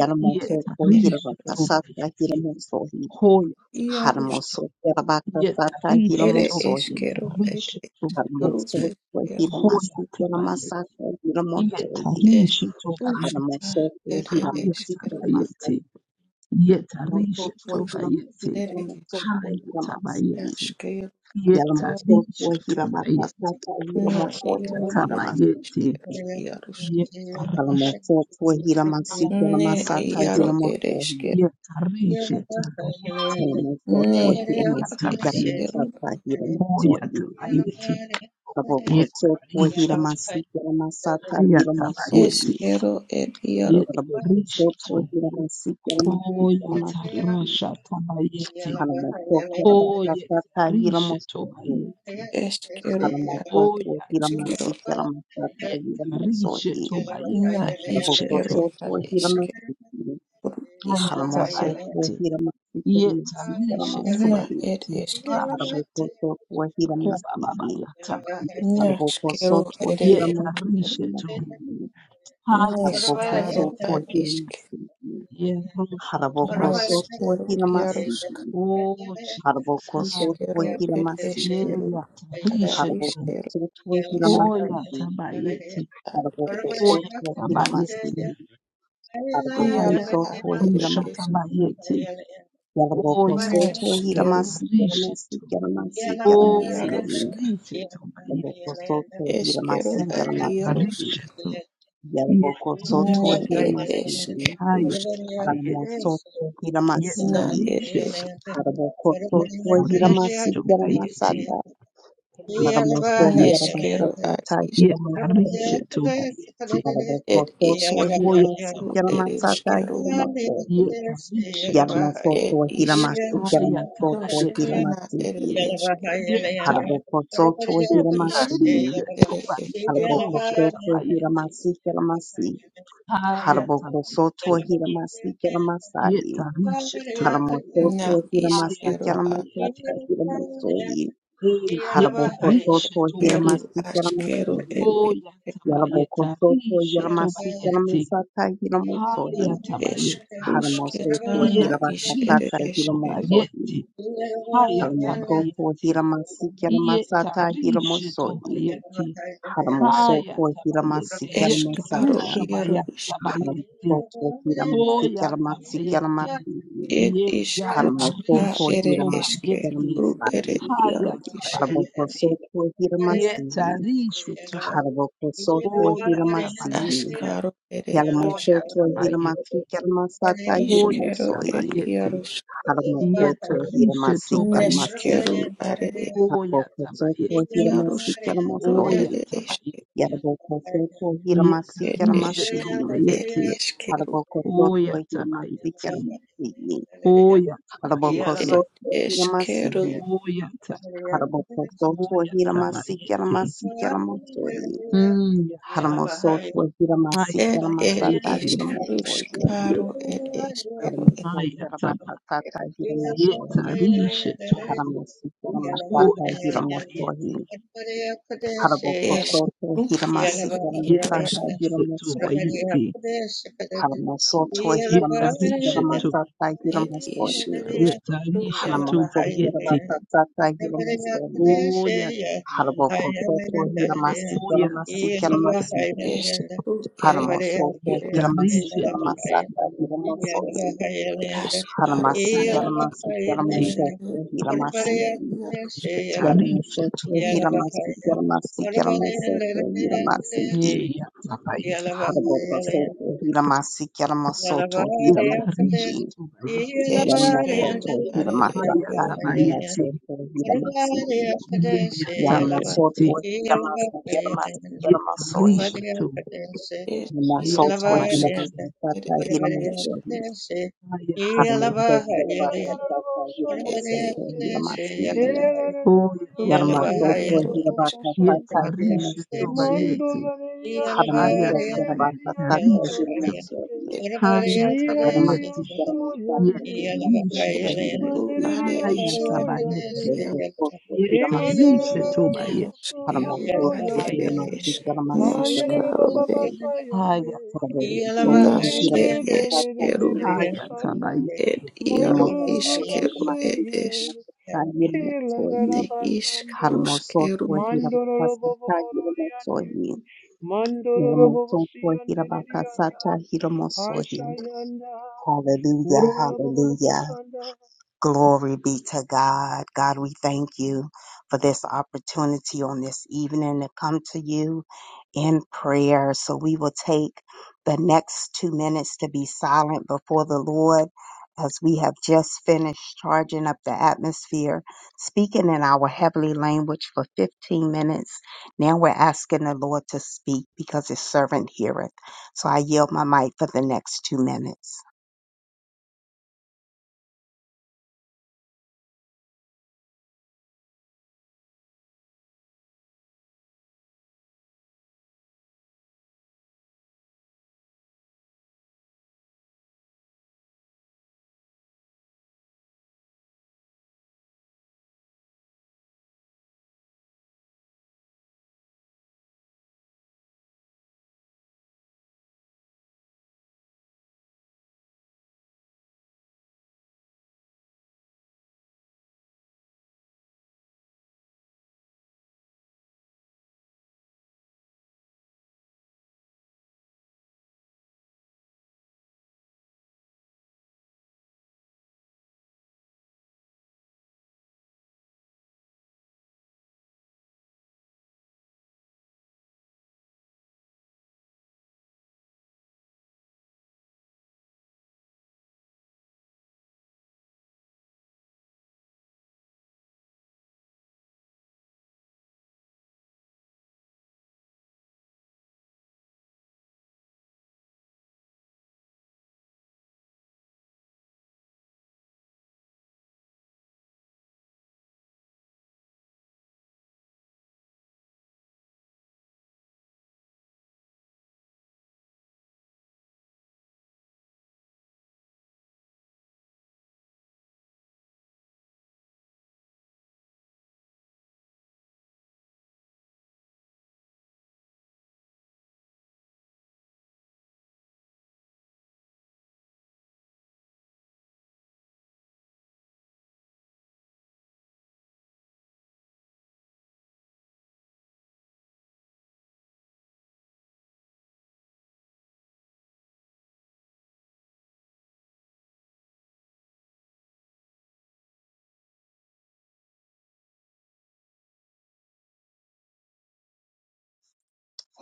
[SPEAKER 2] ere
[SPEAKER 4] yetarishe
[SPEAKER 2] eskero ad
[SPEAKER 1] hilamakasata
[SPEAKER 4] bayeti
[SPEAKER 1] hilamosoi.
[SPEAKER 4] hoyata
[SPEAKER 2] iarus
[SPEAKER 4] bayeti
[SPEAKER 1] Harmosoto hilamakasata
[SPEAKER 4] Yetarisha
[SPEAKER 2] ere
[SPEAKER 4] toba
[SPEAKER 1] hilamosoi.
[SPEAKER 2] eskero ed
[SPEAKER 4] yetarisha toba
[SPEAKER 2] eskero
[SPEAKER 4] yeti
[SPEAKER 1] Harmosoto
[SPEAKER 2] eskero
[SPEAKER 4] hoya
[SPEAKER 1] hilamasi
[SPEAKER 4] taba yeti
[SPEAKER 1] yalamasata hilamosoi.
[SPEAKER 2] es
[SPEAKER 4] yetarisha toba
[SPEAKER 2] uska
[SPEAKER 4] yeti
[SPEAKER 1] Harmosoto
[SPEAKER 2] ere
[SPEAKER 4] haya
[SPEAKER 1] hilamasi
[SPEAKER 2] eskero
[SPEAKER 4] taba
[SPEAKER 2] ad
[SPEAKER 1] yaramasata
[SPEAKER 4] yeti yetarisha
[SPEAKER 1] Mosoto wa
[SPEAKER 2] iarus
[SPEAKER 4] toba
[SPEAKER 1] hira
[SPEAKER 4] yeti
[SPEAKER 1] masika la
[SPEAKER 2] ere
[SPEAKER 1] mosoto wa
[SPEAKER 4] haya
[SPEAKER 1] hira
[SPEAKER 4] taba
[SPEAKER 1] masiki.
[SPEAKER 4] yeti
[SPEAKER 2] eskero ad
[SPEAKER 1] Yala
[SPEAKER 2] iarus
[SPEAKER 1] mosoto wa
[SPEAKER 4] yetarisha
[SPEAKER 1] hira
[SPEAKER 4] toba yeti
[SPEAKER 1] bakatata hira
[SPEAKER 2] na
[SPEAKER 1] mosoto
[SPEAKER 4] hoya
[SPEAKER 1] wa
[SPEAKER 2] iaro
[SPEAKER 1] hira
[SPEAKER 4] taba
[SPEAKER 2] ere es-
[SPEAKER 1] masiki.
[SPEAKER 4] yeti
[SPEAKER 2] iarus
[SPEAKER 1] Yala
[SPEAKER 4] yetarisha
[SPEAKER 1] mosoto wa hira masiki
[SPEAKER 4] haya
[SPEAKER 1] yala
[SPEAKER 2] ne
[SPEAKER 4] taba
[SPEAKER 1] masata
[SPEAKER 2] iaro
[SPEAKER 1] hira
[SPEAKER 4] yeti
[SPEAKER 2] ere eskero
[SPEAKER 1] mosohi.
[SPEAKER 4] yetarisha toba yeti
[SPEAKER 1] Yala mosoto
[SPEAKER 2] ne
[SPEAKER 1] wa hira
[SPEAKER 4] hoya
[SPEAKER 2] ia
[SPEAKER 1] masiki
[SPEAKER 4] taba
[SPEAKER 1] yala
[SPEAKER 4] yeti
[SPEAKER 2] eskero
[SPEAKER 1] masata hira
[SPEAKER 4] hoya
[SPEAKER 1] mosohi.
[SPEAKER 4] taba yeti
[SPEAKER 1] Yala mosoto wa hira
[SPEAKER 4] yetarisha
[SPEAKER 1] masiki yala masata hira
[SPEAKER 4] Ayatabayeti,
[SPEAKER 1] mosohi.
[SPEAKER 2] ed iaro
[SPEAKER 1] Yala mosoto wa
[SPEAKER 4] Yetarishetu,
[SPEAKER 1] hira masiki yala masiki yala masiki.
[SPEAKER 4] Hoyatarasha Tabayeti,
[SPEAKER 1] Yala mosoto hira bakatata hira
[SPEAKER 4] Hoyetarishetu
[SPEAKER 1] mosohi.
[SPEAKER 4] Bayeti,
[SPEAKER 2] Esquero ad
[SPEAKER 1] Haramosoto
[SPEAKER 2] esquero,
[SPEAKER 1] Hiramasi Hiramasata Hiramasohi
[SPEAKER 4] Hoyatarishetu Bayeti,
[SPEAKER 2] na
[SPEAKER 4] Rishetu,
[SPEAKER 2] isquero
[SPEAKER 1] Haramosoto
[SPEAKER 2] ad esque,
[SPEAKER 1] Hiramasi
[SPEAKER 2] por is,
[SPEAKER 1] Haramosoto
[SPEAKER 4] Ayatabayeti,
[SPEAKER 1] Hiramasi Hiramasi
[SPEAKER 4] Yetarishetu
[SPEAKER 1] Hiramasi
[SPEAKER 2] na ed
[SPEAKER 4] Bayeti,
[SPEAKER 2] esque,
[SPEAKER 4] Rapshati,
[SPEAKER 1] Haramosoto Hiramasi
[SPEAKER 4] Hobabababatabayeti,
[SPEAKER 2] nasquero
[SPEAKER 1] Haramosoto
[SPEAKER 2] ere
[SPEAKER 1] Hiramasi
[SPEAKER 2] esquero,
[SPEAKER 4] Yetarishetu,
[SPEAKER 1] Hiramasi
[SPEAKER 2] nescaro
[SPEAKER 1] Haramosoto Hiramasi Haramosoto
[SPEAKER 4] Hayatabayeti,
[SPEAKER 2] ad
[SPEAKER 1] Hiramasi
[SPEAKER 2] isque,
[SPEAKER 1] Haramosoto Hiramasi
[SPEAKER 4] Yerushetu Bayeti,
[SPEAKER 1] Haramosoto
[SPEAKER 2] nasquero
[SPEAKER 1] Hiramasi
[SPEAKER 2] iarusk,
[SPEAKER 4] Oh Jesus.
[SPEAKER 2] isquero ed esquero,
[SPEAKER 4] Yeya
[SPEAKER 2] ara
[SPEAKER 4] tarishe tu.
[SPEAKER 2] isquero isc
[SPEAKER 4] Hoya tabayeti.
[SPEAKER 2] ad ed esque,
[SPEAKER 4] Hoya
[SPEAKER 1] Haramosoto Hiramasi
[SPEAKER 4] tabayeti.
[SPEAKER 1] Yaraboko
[SPEAKER 2] iaro
[SPEAKER 4] Haya
[SPEAKER 2] ad
[SPEAKER 1] soto
[SPEAKER 2] ere
[SPEAKER 4] tarusha
[SPEAKER 1] hiramasi.
[SPEAKER 2] esque,
[SPEAKER 4] tabayeti.
[SPEAKER 1] Yaraboko
[SPEAKER 4] Hoya
[SPEAKER 1] soto
[SPEAKER 4] tabayeti.
[SPEAKER 2] nesquero
[SPEAKER 1] hiramasi
[SPEAKER 4] Tarishe
[SPEAKER 1] yaramasi
[SPEAKER 4] tu.
[SPEAKER 1] yaramasi yaramasi.
[SPEAKER 4] Hoya
[SPEAKER 2] iarusk,
[SPEAKER 4] tarishe tu
[SPEAKER 1] Yaraboko
[SPEAKER 4] bayeti.
[SPEAKER 1] soto
[SPEAKER 2] esquero
[SPEAKER 1] hiramasi
[SPEAKER 2] ad
[SPEAKER 4] Hoya
[SPEAKER 1] yaramasi.
[SPEAKER 2] iarusk.
[SPEAKER 4] tarishe tu. Ye
[SPEAKER 1] Yaraboko soto
[SPEAKER 2] Ne
[SPEAKER 4] tarishe tu.
[SPEAKER 2] ed
[SPEAKER 1] hiramasi.
[SPEAKER 2] ishk
[SPEAKER 4] Haya
[SPEAKER 2] rusk
[SPEAKER 1] Haramo
[SPEAKER 4] tabayeti.
[SPEAKER 1] soto
[SPEAKER 4] Ye
[SPEAKER 1] hiramasi.
[SPEAKER 2] na ed
[SPEAKER 4] tarishe
[SPEAKER 2] ish
[SPEAKER 4] tu.
[SPEAKER 1] Haraboko
[SPEAKER 4] Ye
[SPEAKER 1] soto
[SPEAKER 4] tarishe
[SPEAKER 1] hiramasi
[SPEAKER 4] tu bayeti.
[SPEAKER 1] yaramasata.
[SPEAKER 4] Hoya
[SPEAKER 1] Haramo soto
[SPEAKER 4] tabayeti.
[SPEAKER 2] neshkero ad
[SPEAKER 1] yaramasata
[SPEAKER 2] ish
[SPEAKER 4] Ye
[SPEAKER 1] hiramasi.
[SPEAKER 4] tarishe tu bayeti.
[SPEAKER 1] Yaraboko
[SPEAKER 2] ed
[SPEAKER 1] soto
[SPEAKER 2] ishk
[SPEAKER 4] Hoya
[SPEAKER 1] hiramasi
[SPEAKER 2] ru ed
[SPEAKER 4] tabayeti.
[SPEAKER 1] yaramasata
[SPEAKER 2] ishkero
[SPEAKER 1] hiramasi.
[SPEAKER 4] yetaishetu
[SPEAKER 2] ed
[SPEAKER 1] Yalamosoto
[SPEAKER 2] ishk
[SPEAKER 1] Hilamasi
[SPEAKER 2] rusk
[SPEAKER 1] Yalamosoto
[SPEAKER 2] rusk
[SPEAKER 4] hayatabayeti
[SPEAKER 2] na
[SPEAKER 1] Hilamasi
[SPEAKER 2] ed ishkero
[SPEAKER 4] Yetai.
[SPEAKER 1] Harabokosoto
[SPEAKER 2] ishk ru
[SPEAKER 1] Hilamasi
[SPEAKER 4] yetaishetu
[SPEAKER 2] ed ishkero
[SPEAKER 1] Harabokosoto
[SPEAKER 4] rushatabayeti
[SPEAKER 1] Hilamasi Hilamasi Harabokosoto
[SPEAKER 4] hayatabayeti
[SPEAKER 1] Hilamasi Hilamasai
[SPEAKER 4] yetaishetu
[SPEAKER 2] na
[SPEAKER 1] Haramosoto Hilamasi
[SPEAKER 2] ishkero ad
[SPEAKER 4] hayatabayeti
[SPEAKER 1] Hilamasata Hilamosoi
[SPEAKER 4] e
[SPEAKER 1] Harabokosoto
[SPEAKER 4] yetaishetu
[SPEAKER 2] keru
[SPEAKER 1] Hilamasi
[SPEAKER 4] bayeti
[SPEAKER 2] ashkero
[SPEAKER 1] Hilamasi
[SPEAKER 2] ed ishke
[SPEAKER 1] Yalabokosoto
[SPEAKER 4] oyatabayetarishetu
[SPEAKER 1] Hilamasi
[SPEAKER 4] bayeti
[SPEAKER 1] Hilamasata Hilamosoi
[SPEAKER 2] ishk
[SPEAKER 4] hayatabayeti
[SPEAKER 1] Haramosoto
[SPEAKER 2] rusketana ish ed
[SPEAKER 1] Hilamasata
[SPEAKER 4] yetaishetu
[SPEAKER 2] ishke
[SPEAKER 1] Hilamosoi
[SPEAKER 4] bayeti
[SPEAKER 1] Haramosoto
[SPEAKER 4] hayatabayeti
[SPEAKER 1] hiramasikera masata
[SPEAKER 4] yetarishetu
[SPEAKER 1] hiramosohi.
[SPEAKER 4] bayeti Haya
[SPEAKER 1] Haramosoto
[SPEAKER 4] tabayete,
[SPEAKER 1] hiramasikera
[SPEAKER 4] yeto
[SPEAKER 2] eshkaro
[SPEAKER 1] masata.
[SPEAKER 4] rusha
[SPEAKER 2] iaro
[SPEAKER 4] baya tabayete,
[SPEAKER 1] Haramosoto
[SPEAKER 4] hoya
[SPEAKER 1] hiramasikera masikera
[SPEAKER 4] tabayete,
[SPEAKER 1] masihi.
[SPEAKER 2] It
[SPEAKER 4] ye
[SPEAKER 2] is
[SPEAKER 4] ya
[SPEAKER 2] kruska
[SPEAKER 1] Haramosoto
[SPEAKER 4] tarishe
[SPEAKER 2] ere
[SPEAKER 1] hiramasi.
[SPEAKER 2] eske,
[SPEAKER 4] tobayete,
[SPEAKER 2] bru ere
[SPEAKER 1] masahi.
[SPEAKER 4] haya
[SPEAKER 2] iaru is
[SPEAKER 4] tabayete,
[SPEAKER 1] Haramosoto
[SPEAKER 4] ye
[SPEAKER 1] hiramasi.
[SPEAKER 4] tarishe to,
[SPEAKER 1] Haramosoto
[SPEAKER 4] oya
[SPEAKER 1] hiramasihi.
[SPEAKER 4] tabayete,
[SPEAKER 2] askaro ere
[SPEAKER 4] oya
[SPEAKER 2] eske,
[SPEAKER 1] Hiramosoto
[SPEAKER 4] tabayete,
[SPEAKER 1] hiramasikera masata
[SPEAKER 2] iskero ere
[SPEAKER 1] hiramosohi.
[SPEAKER 2] iarus,
[SPEAKER 4] ye
[SPEAKER 1] Haramosoto
[SPEAKER 4] tarishe
[SPEAKER 1] hiramasi masihi.
[SPEAKER 4] tobayete,
[SPEAKER 2] neskero are e-
[SPEAKER 4] oya tabayete,
[SPEAKER 1] Habokotoko
[SPEAKER 2] iarus karo
[SPEAKER 4] oya
[SPEAKER 1] hiramasikiramosoi.
[SPEAKER 2] ere eske,
[SPEAKER 1] Yarabokotoko
[SPEAKER 4] ye
[SPEAKER 2] et
[SPEAKER 4] tarishe
[SPEAKER 1] hiramasikiramasii.
[SPEAKER 2] eskaro ere
[SPEAKER 4] tobayete,
[SPEAKER 2] eskero,
[SPEAKER 1] Harabokotoko
[SPEAKER 4] Oyatabayeti.
[SPEAKER 1] hiramasikiramasii.
[SPEAKER 4] Oyatabayeti.
[SPEAKER 2] et
[SPEAKER 1] Harabokotoko
[SPEAKER 2] eskero,
[SPEAKER 1] hiramasii.
[SPEAKER 4] Oyata.
[SPEAKER 1] Harabokotoko
[SPEAKER 4] Oyatabayeti.
[SPEAKER 1] hiramasikiramasikeramosoi.
[SPEAKER 4] Mm, yata.
[SPEAKER 1] Haramosoko
[SPEAKER 2] et et
[SPEAKER 1] hiramasikiramasata
[SPEAKER 4] Hayatabayeti.
[SPEAKER 1] hiramosoi.
[SPEAKER 2] kruskaro ere eskero, et
[SPEAKER 4] Hayataba.
[SPEAKER 1] Haramosokeramatatata hiramosoi.
[SPEAKER 4] Yetarishetu.
[SPEAKER 1] Haramosokeramasata hiramosoi.
[SPEAKER 4] Oyatabayeti.
[SPEAKER 1] Harabokosoto
[SPEAKER 2] eskru are
[SPEAKER 1] Hiramasika
[SPEAKER 2] iarus,
[SPEAKER 1] Masata
[SPEAKER 4] Yetarishetu
[SPEAKER 1] Hiramosoi.
[SPEAKER 4] bayeti.
[SPEAKER 1] Haramosoto Hiramasika
[SPEAKER 4] Yetarishetu.
[SPEAKER 1] Masata
[SPEAKER 2] et
[SPEAKER 1] Hiramosoi.
[SPEAKER 2] kruskaro ere
[SPEAKER 4] Yetarishetu
[SPEAKER 1] Haramosokira
[SPEAKER 4] bayeti.
[SPEAKER 1] Masata Hiramosoi.
[SPEAKER 4] Oyatabayeti.
[SPEAKER 1] Harabokosoto Hiramasika Masika
[SPEAKER 4] Oyatabayeti.
[SPEAKER 1] Masoi.
[SPEAKER 2] eskero
[SPEAKER 1] Haramosoto Hiramasika
[SPEAKER 4] Yetarishetu.
[SPEAKER 1] Masata Hiramosoi.
[SPEAKER 2] Ashkaro
[SPEAKER 1] Haramasika
[SPEAKER 2] Yarus
[SPEAKER 1] Masika
[SPEAKER 4] Hayatabayeti.
[SPEAKER 1] Masata
[SPEAKER 2] Ru
[SPEAKER 1] Hiramasi.
[SPEAKER 2] Are Yarus
[SPEAKER 4] Yetarishe tu
[SPEAKER 1] Hiramosoto Hiramasika Masika Masata Hiramasi.
[SPEAKER 4] yeya tabayeti.
[SPEAKER 1] Harabosoto Hiramasi Yaramasoto Hiramasi
[SPEAKER 4] Yetarishe tu bayeti.
[SPEAKER 1] Yaramasoto
[SPEAKER 2] Eskero Are
[SPEAKER 4] Haya
[SPEAKER 1] Hiramasaka
[SPEAKER 2] Eskero Are
[SPEAKER 4] tabayeti.
[SPEAKER 1] Hiramasoto Hiramasi
[SPEAKER 4] Yeya tabayeti.
[SPEAKER 1] Yaramasoto Hiramasi Yaramasi Yaramasoi
[SPEAKER 4] Yetarishe tu.
[SPEAKER 2] Es Is
[SPEAKER 4] Haya
[SPEAKER 1] Hiramosoto
[SPEAKER 2] Ruska
[SPEAKER 4] tabayeti.
[SPEAKER 2] Ed
[SPEAKER 1] Hiramasaka
[SPEAKER 2] Ed Is
[SPEAKER 1] Hiramasoi
[SPEAKER 4] Haya
[SPEAKER 3] Di
[SPEAKER 1] Haramosoto
[SPEAKER 4] tabayeti.
[SPEAKER 3] di yanda, da da ba,
[SPEAKER 1] Hiramasaka
[SPEAKER 3] shande
[SPEAKER 2] Ed
[SPEAKER 3] di
[SPEAKER 1] Hiramasoto
[SPEAKER 3] di
[SPEAKER 2] Is
[SPEAKER 3] yande.
[SPEAKER 1] Hiramasi
[SPEAKER 3] Hey, da da da da da,
[SPEAKER 4] Hoya
[SPEAKER 2] Ru Ed
[SPEAKER 3] yosho,
[SPEAKER 1] Yaramasoto
[SPEAKER 3] yo, da da
[SPEAKER 4] tabayeti.
[SPEAKER 3] da
[SPEAKER 2] Yaro
[SPEAKER 3] ba
[SPEAKER 2] Is
[SPEAKER 3] ba
[SPEAKER 1] Hiramasaka
[SPEAKER 3] santa.
[SPEAKER 4] Yetarishe tu
[SPEAKER 1] Hiramasoi
[SPEAKER 4] bayeti.
[SPEAKER 3] Mandora de
[SPEAKER 4] Haya
[SPEAKER 1] Haramosoto
[SPEAKER 3] Yashele de
[SPEAKER 4] tabayeti.
[SPEAKER 1] Hiramasaka
[SPEAKER 3] Yandora
[SPEAKER 4] Rishe tu.
[SPEAKER 3] de
[SPEAKER 1] Hiramasoi
[SPEAKER 2] Ed Is
[SPEAKER 4] Haya
[SPEAKER 3] Mira
[SPEAKER 1] But I'm not
[SPEAKER 3] de
[SPEAKER 4] tabayeti.
[SPEAKER 3] Yosho Yande,
[SPEAKER 4] Yetarishe
[SPEAKER 2] Es
[SPEAKER 4] tu.
[SPEAKER 2] Ru
[SPEAKER 3] Mandere
[SPEAKER 2] Are
[SPEAKER 3] de
[SPEAKER 4] Haya
[SPEAKER 2] Eskero
[SPEAKER 3] Yosho
[SPEAKER 4] tabayeti.
[SPEAKER 2] Yar
[SPEAKER 4] Yetarishe tu
[SPEAKER 2] Yaros
[SPEAKER 4] bayeti.
[SPEAKER 2] Are Es
[SPEAKER 4] Hayatabayeti.
[SPEAKER 3] Ayara
[SPEAKER 2] Nashkaro
[SPEAKER 3] Baba
[SPEAKER 2] Ed
[SPEAKER 3] Basa Yande,
[SPEAKER 4] Hayatabayeti.
[SPEAKER 2] Nashke
[SPEAKER 4] Nishitu.
[SPEAKER 3] de de
[SPEAKER 2] Eskero
[SPEAKER 4] Hayatabayeti.
[SPEAKER 2] Ed Yaro
[SPEAKER 3] Mandoro de
[SPEAKER 2] Iskero Ed
[SPEAKER 3] Boseye,
[SPEAKER 2] Es
[SPEAKER 3] Ke
[SPEAKER 2] Ne Isk Ruskeru
[SPEAKER 3] Mandoro Bobo Yande, Mandororo bobosi yandere yanda, asha yanda,
[SPEAKER 1] Hallelujah,
[SPEAKER 3] kurororo bobobo
[SPEAKER 1] hallelujah.
[SPEAKER 3] sanda,
[SPEAKER 1] Glory be to God. God, we thank you for this opportunity on this evening to come to you in prayer. So we will take the next two minutes to be silent before the Lord as we have just finished charging up the atmosphere, speaking in our heavenly language for 15 minutes. Now we're asking the Lord to speak because his servant heareth. So I yield my mic for the next two minutes.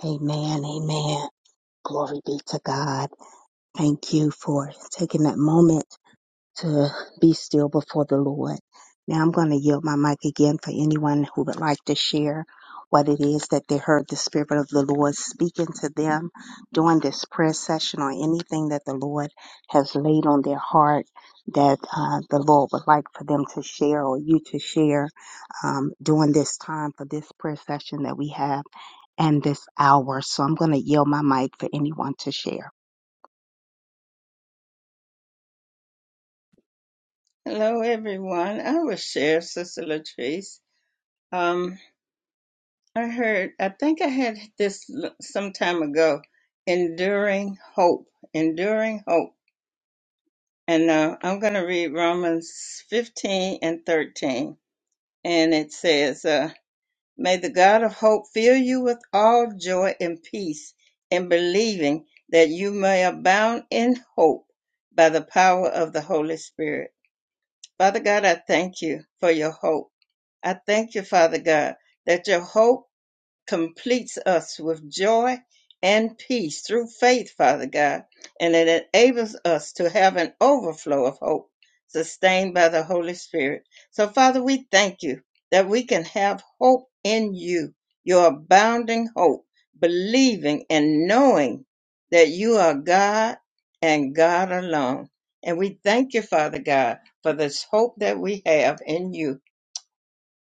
[SPEAKER 1] Amen. Amen. Glory be to God. Thank you for taking that moment to be still before the Lord. Now I'm going to yield my mic again for anyone who would like to share what it is that they heard the Spirit of the Lord speaking to them during this prayer session or anything that the Lord has laid on their heart that uh, the Lord would like for them to share or you to share um, during this time for this prayer session that we have and this hour. So I'm going to yield my mic for anyone to share.
[SPEAKER 5] Hello, everyone. I will share, Sister Latrice. Um, I heard, I think I had this l- some time ago, enduring hope, enduring hope. And uh, I'm going to read Romans 15 and 13. And it says, uh, May the God of hope fill you with all joy and peace in believing that you may abound in hope by the power of the Holy Spirit Father God, I thank you for your hope. I thank you, Father God, that your hope completes us with joy and peace through faith, Father God, and it enables us to have an overflow of hope sustained by the Holy Spirit. So, Father, we thank you that we can have hope in you, your abounding hope, believing and knowing that you are God and God alone. And we thank you, Father God, for this hope that we have in you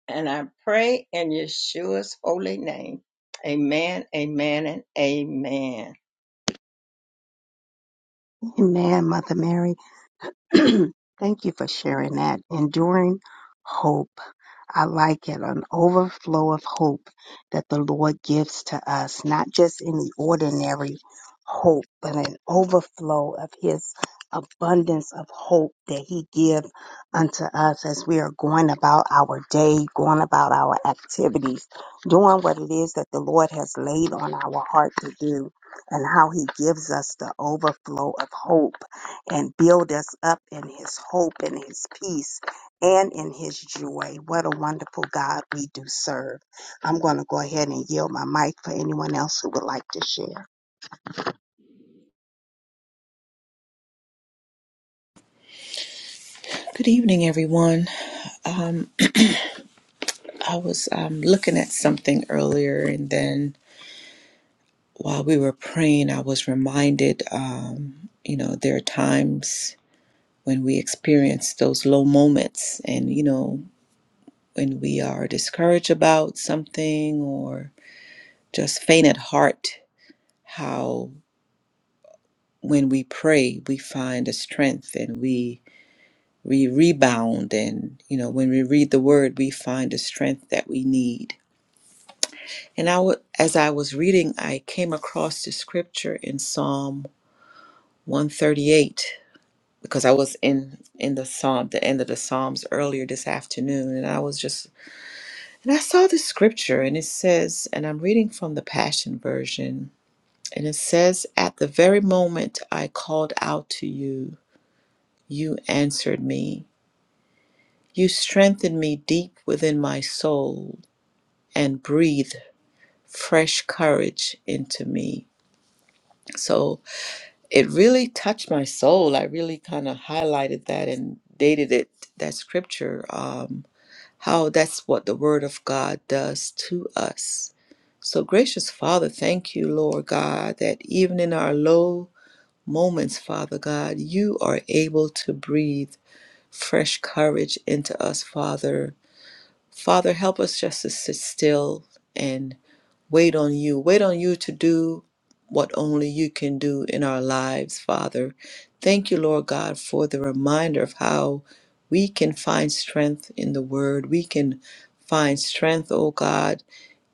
[SPEAKER 5] and I pray in Yeshua's holy name. Amen, amen, and amen.
[SPEAKER 1] Amen, Mother Mary. (clears throat) Thank you for sharing that. Enduring hope. I like it, an overflow of hope that the Lord gives to us, not just any ordinary hope, but an overflow of his abundance of hope that he gives unto us as we are going about our day, going about our activities, doing what it is that the Lord has laid on our heart to do, and how he gives us the overflow of hope and build us up in his hope and his peace and in his joy. What a wonderful God we do serve. I'm going to go ahead and yield my mic for anyone else who would like to share.
[SPEAKER 2] Good evening, everyone. Um, I was um, looking at something earlier, and then while we were praying, I was reminded um, you know, there are times when we experience those low moments, and, you know, when we are discouraged about something or just faint at heart, how when we pray, we find a strength and we. We rebound, and you know, when we read the word, we find the strength that we need And I w- as I was reading, I came across the scripture in Psalm 138 because I was in in the psalm, the end of the psalms earlier this afternoon, and I was just and I saw the scripture, and it says, and I'm reading from the Passion version, and it says, "At the very moment I called out to you, you answered me. You strengthened me deep within my soul, and breathed fresh courage into me." So it really touched my soul. I really kind of highlighted that and dated it, that scripture, um, how that's what the Word of God does to us. So, gracious Father, thank you, Lord God, that even in our low moments, Father God, you are able to breathe fresh courage into us, Father. Father, help us just to sit still Wait on you. Wait on you to do what only you can do in our lives, Father. Thank you, Lord God, for the reminder of how we can find strength in the Word. We can find strength, oh God,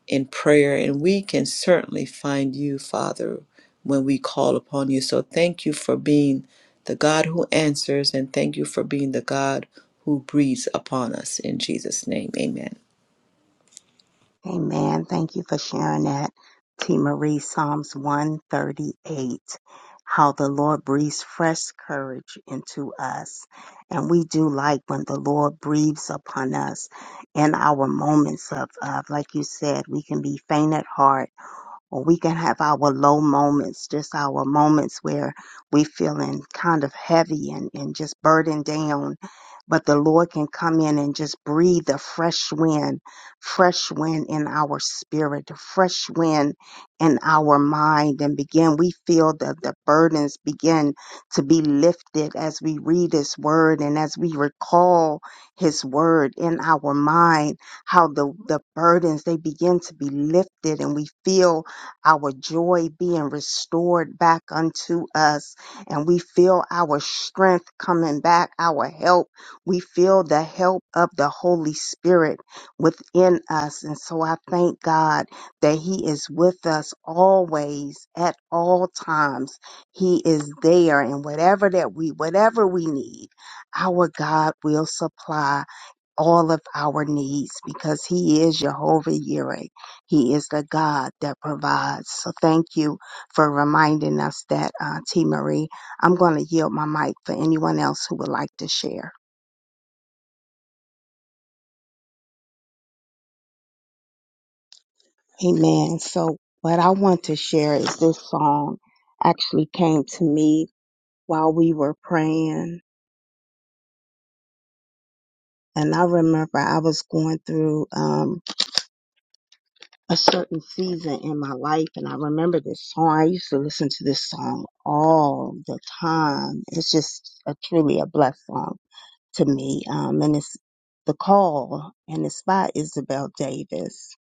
[SPEAKER 2] in prayer, and we can certainly find you, Father, when we call upon you. So thank you for being the God who answers, and thank you for being the God who breathes upon us. In Jesus' name, amen.
[SPEAKER 1] Amen. Thank you for sharing that. T. Marie, Psalms 138, how the Lord breathes fresh courage into us. And we do like when the Lord breathes upon us in our moments of, of like you said, we can be faint at heart or we can have our low moments, just our moments where we feeling kind of heavy and, and just burdened down. But the Lord can come in and just breathe a fresh wind, fresh wind in our spirit, a fresh wind in our mind, and begin. We feel that the burdens begin to be lifted as we read His Word and as we recall His Word in our mind. How the the burdens they begin to be lifted, and we feel our joy being restored back unto us, and we feel our strength coming back, our help. We feel the help of the Holy Spirit within us. And so I thank God that He is with us always, at all times. He is there, and whatever that we, whatever we need, our God will supply all of our needs because He is Jehovah Jireh. He is the God that provides. So thank you for reminding us that, uh, T. Marie. I'm going to yield my mic for anyone else who would like to share. Amen. So what I want to share is this song actually came to me while we were praying. And I remember I was going through um, a certain season in my life and I remember this song. I used to listen to this song all the time. It's just a truly a blessed song to me. Um and it's the call and it's by Isabel Davis.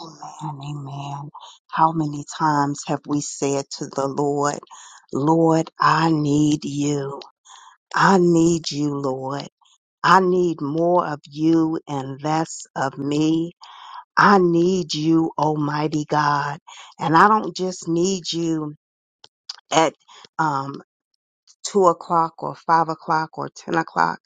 [SPEAKER 1] Amen, amen. How many times have we said to the Lord, Lord, I need you. I need you, Lord. I need more of you and less of me. I need you, Almighty God. And I don't just need you at um, two o'clock or five o'clock or 10 o'clock.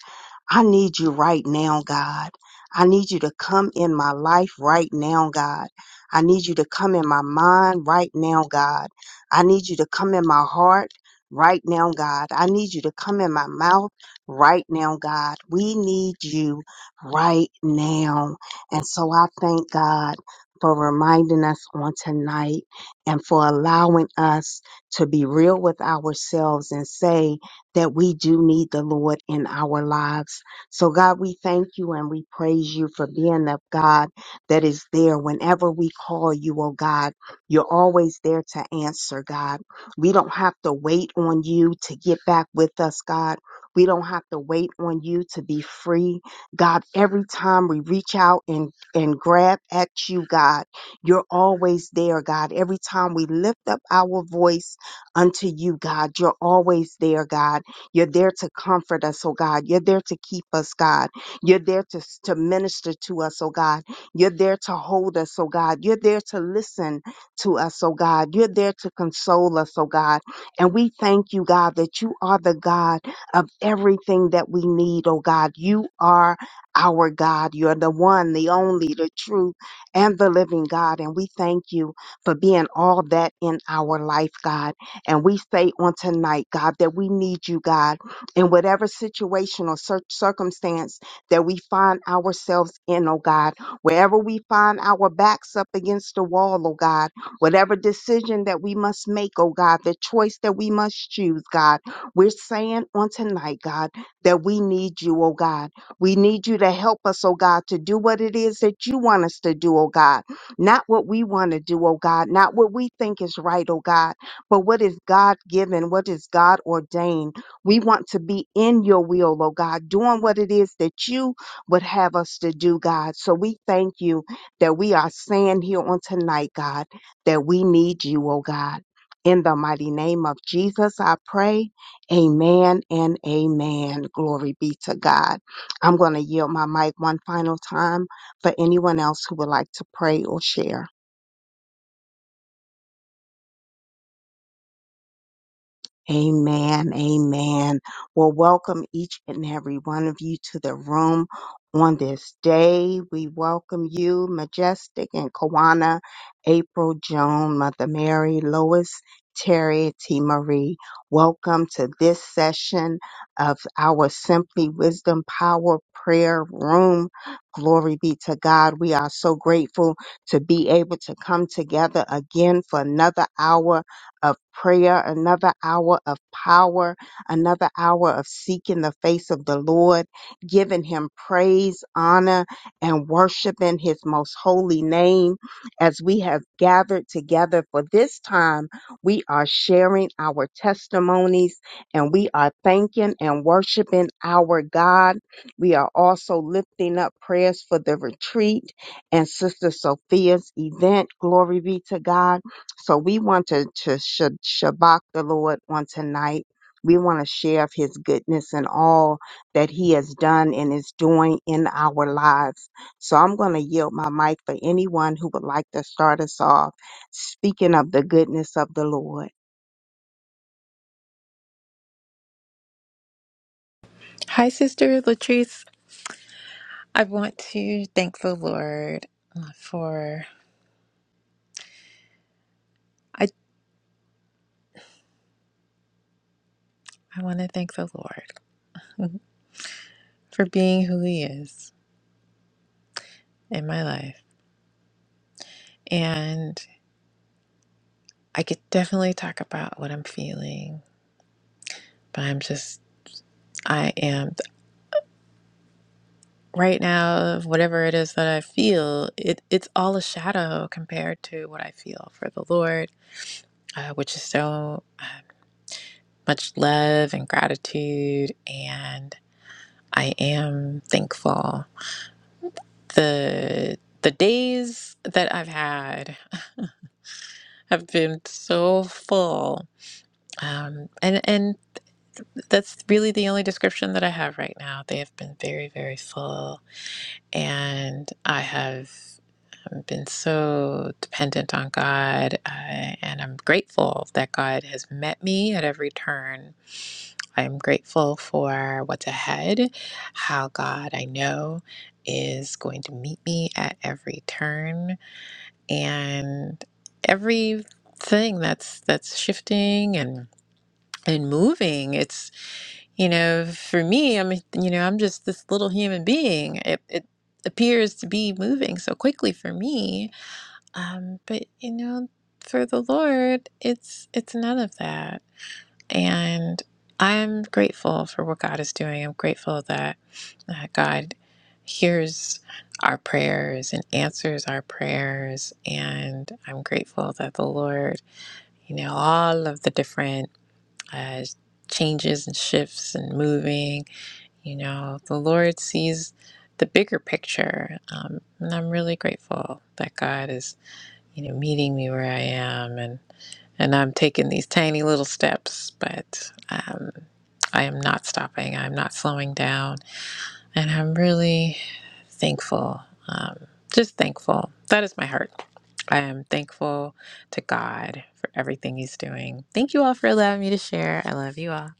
[SPEAKER 1] I need you right now, God. I need you to come in my life right now, God. I need you to come in my mind right now, God. I need you to come in my heart right now, God. I need you to come in my mouth right now, God. We need you right now. And so I thank God for reminding us on tonight and for allowing us to be real with ourselves and say that we do need the Lord in our lives. So, God, we thank you and we praise you for being the God that is there whenever we call you, oh God. You're always there to answer, God. We don't have to wait on you to get back with us, God. We don't have to wait on you to be free. God, every time we reach out and, and grab at you, God, you're always there, God. Every time we lift up our voice unto you, God. You're always there, God. You're there to comfort us, oh God. You're there to keep us, God. You're there to, to minister to us, oh God. You're there to hold us, oh God. You're there to listen to us, oh God. You're there to console us, oh God. And we thank you, God, that you are the God of everything that we need, oh God. You are our God. You're the one, the only, the true, and the living God. And we thank you for being all that in our life, God. And we say on tonight, God, that we need you, God, in whatever situation or cir- circumstance that we find ourselves in, oh God, wherever we find our backs up against the wall, oh God, whatever decision that we must make, oh God, the choice that we must choose, God, we're saying on tonight, God, that we need you, oh God. We need you to help us, oh God, to do what it is that you want us to do, oh God, not what we want to do, oh God, not what we think is right, oh God but what is God given? What is God ordained? We want to be in your will, oh God, doing what it is that you would have us to do, God. So we thank you that we are saying here on tonight, God, that we need you, oh God. In the mighty name of Jesus, I pray. Amen and amen. Glory be to God. I'm going to yield my mic one final time for anyone else who would like to pray or share. Amen. Amen. Well, welcome each and every one of you to the room on this day. We welcome you, Majestic and Kawana, April, Joan, Mother Mary, Lois, Terry, T. Marie. Welcome to this session of our Simply Wisdom Power Prayer Room. Glory be to God. We are so grateful to be able to come together again for another hour of prayer, another hour of power, another hour of seeking the face of the Lord, giving him praise, honor, and worshiping his most holy name. As we have gathered together for this time, we are sharing our testimonies and we are thanking and worshiping our God. We are also lifting up prayers for the retreat and Sister Sophia's event. Glory be to God so we want to, to sh- shabak the Lord on tonight. We want to share of his goodness and all that he has done and is doing in our lives. So I'm going to yield my mic for anyone who would like to start us off speaking of the goodness of the Lord.
[SPEAKER 6] Hi, Sister Latrice. I want to thank the Lord uh, for I I want to thank the Lord for being who He is in my life, and I could definitely talk about what I'm feeling, but I'm just I am right now. Whatever it is that I feel, it it's all a shadow compared to what I feel for the Lord, uh, which is so uh, much love and gratitude, and I am thankful the the days that I've had have been so full. Um, and and that's really the only description that I have right now. They have been very, very full, and I have um, been so dependent on God, uh, and I'm grateful that God has met me at every turn. I am grateful for what's ahead, how God I know is going to meet me at every turn, and everything that's that's shifting and and moving it's you know for me i'm you know i'm just this little human being it, it appears to be moving so quickly for me um but you know for the lord it's it's none of that and i'm grateful for what god is doing i'm grateful that that God hears our prayers and answers our prayers. And I'm grateful that the Lord, you know, all of the different uh, changes and shifts and moving, you know, the Lord sees the bigger picture. Um, and I'm really grateful that God is, you know, meeting me where I am and, and I'm taking these tiny little steps, but um, I am not stopping. I'm not slowing down. And I'm really thankful, um, just thankful. That is my heart. I am thankful to God for everything He's doing. Thank you all for allowing me to share. I love you all.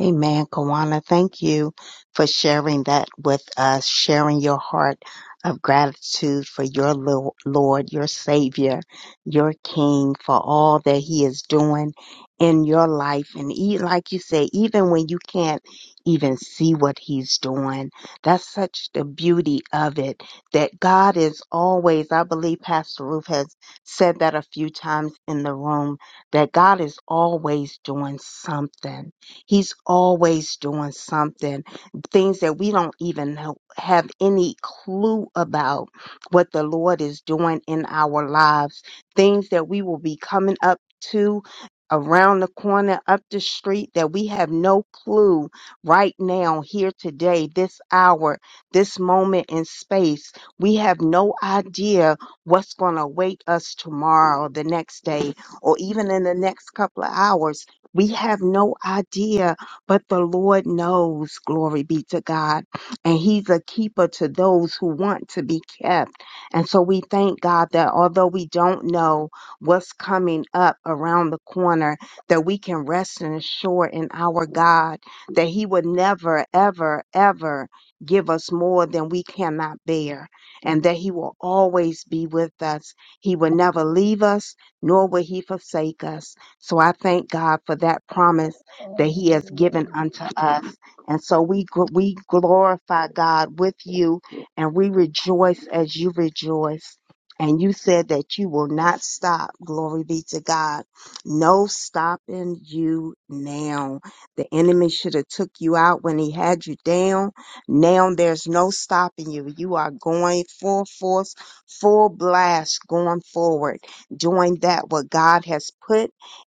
[SPEAKER 1] Amen, Kawana. Thank you for sharing that with us, sharing your heart of gratitude for your Lo- Lord, your Savior, your King, for all that He is doing in your life. And e- like you say, even when you can't even see what He's doing, that's such the beauty of it that God is always, I believe Pastor Ruth has said that a few times in the room, that God is always doing something He's always doing something, things that we don't even know- have any clue about what the Lord is doing in our lives, things that we will be coming up to around the corner, up the street, that we have no clue right now, here today, this hour, this moment in space. We have no idea what's going to await us tomorrow, the next day, or even in the next couple of hours we have no idea, but the Lord knows. Glory be to God. And He's a keeper to those who want to be kept. And so we thank God that although we don't know what's coming up around the corner, that we can rest and assure in our God that He would never, ever, ever give us more than we cannot bear and that He will always be with us. He will never leave us, nor will He forsake us. So I thank God for that promise that He has given unto us. And so we gl- we glorify God with you, and we rejoice as you rejoice. And you said that you will not stop. Glory be to God. No stopping you now. The enemy should have took you out when he had you down. Now there's no stopping you. You are going full force, full blast, going forward doing that what God has put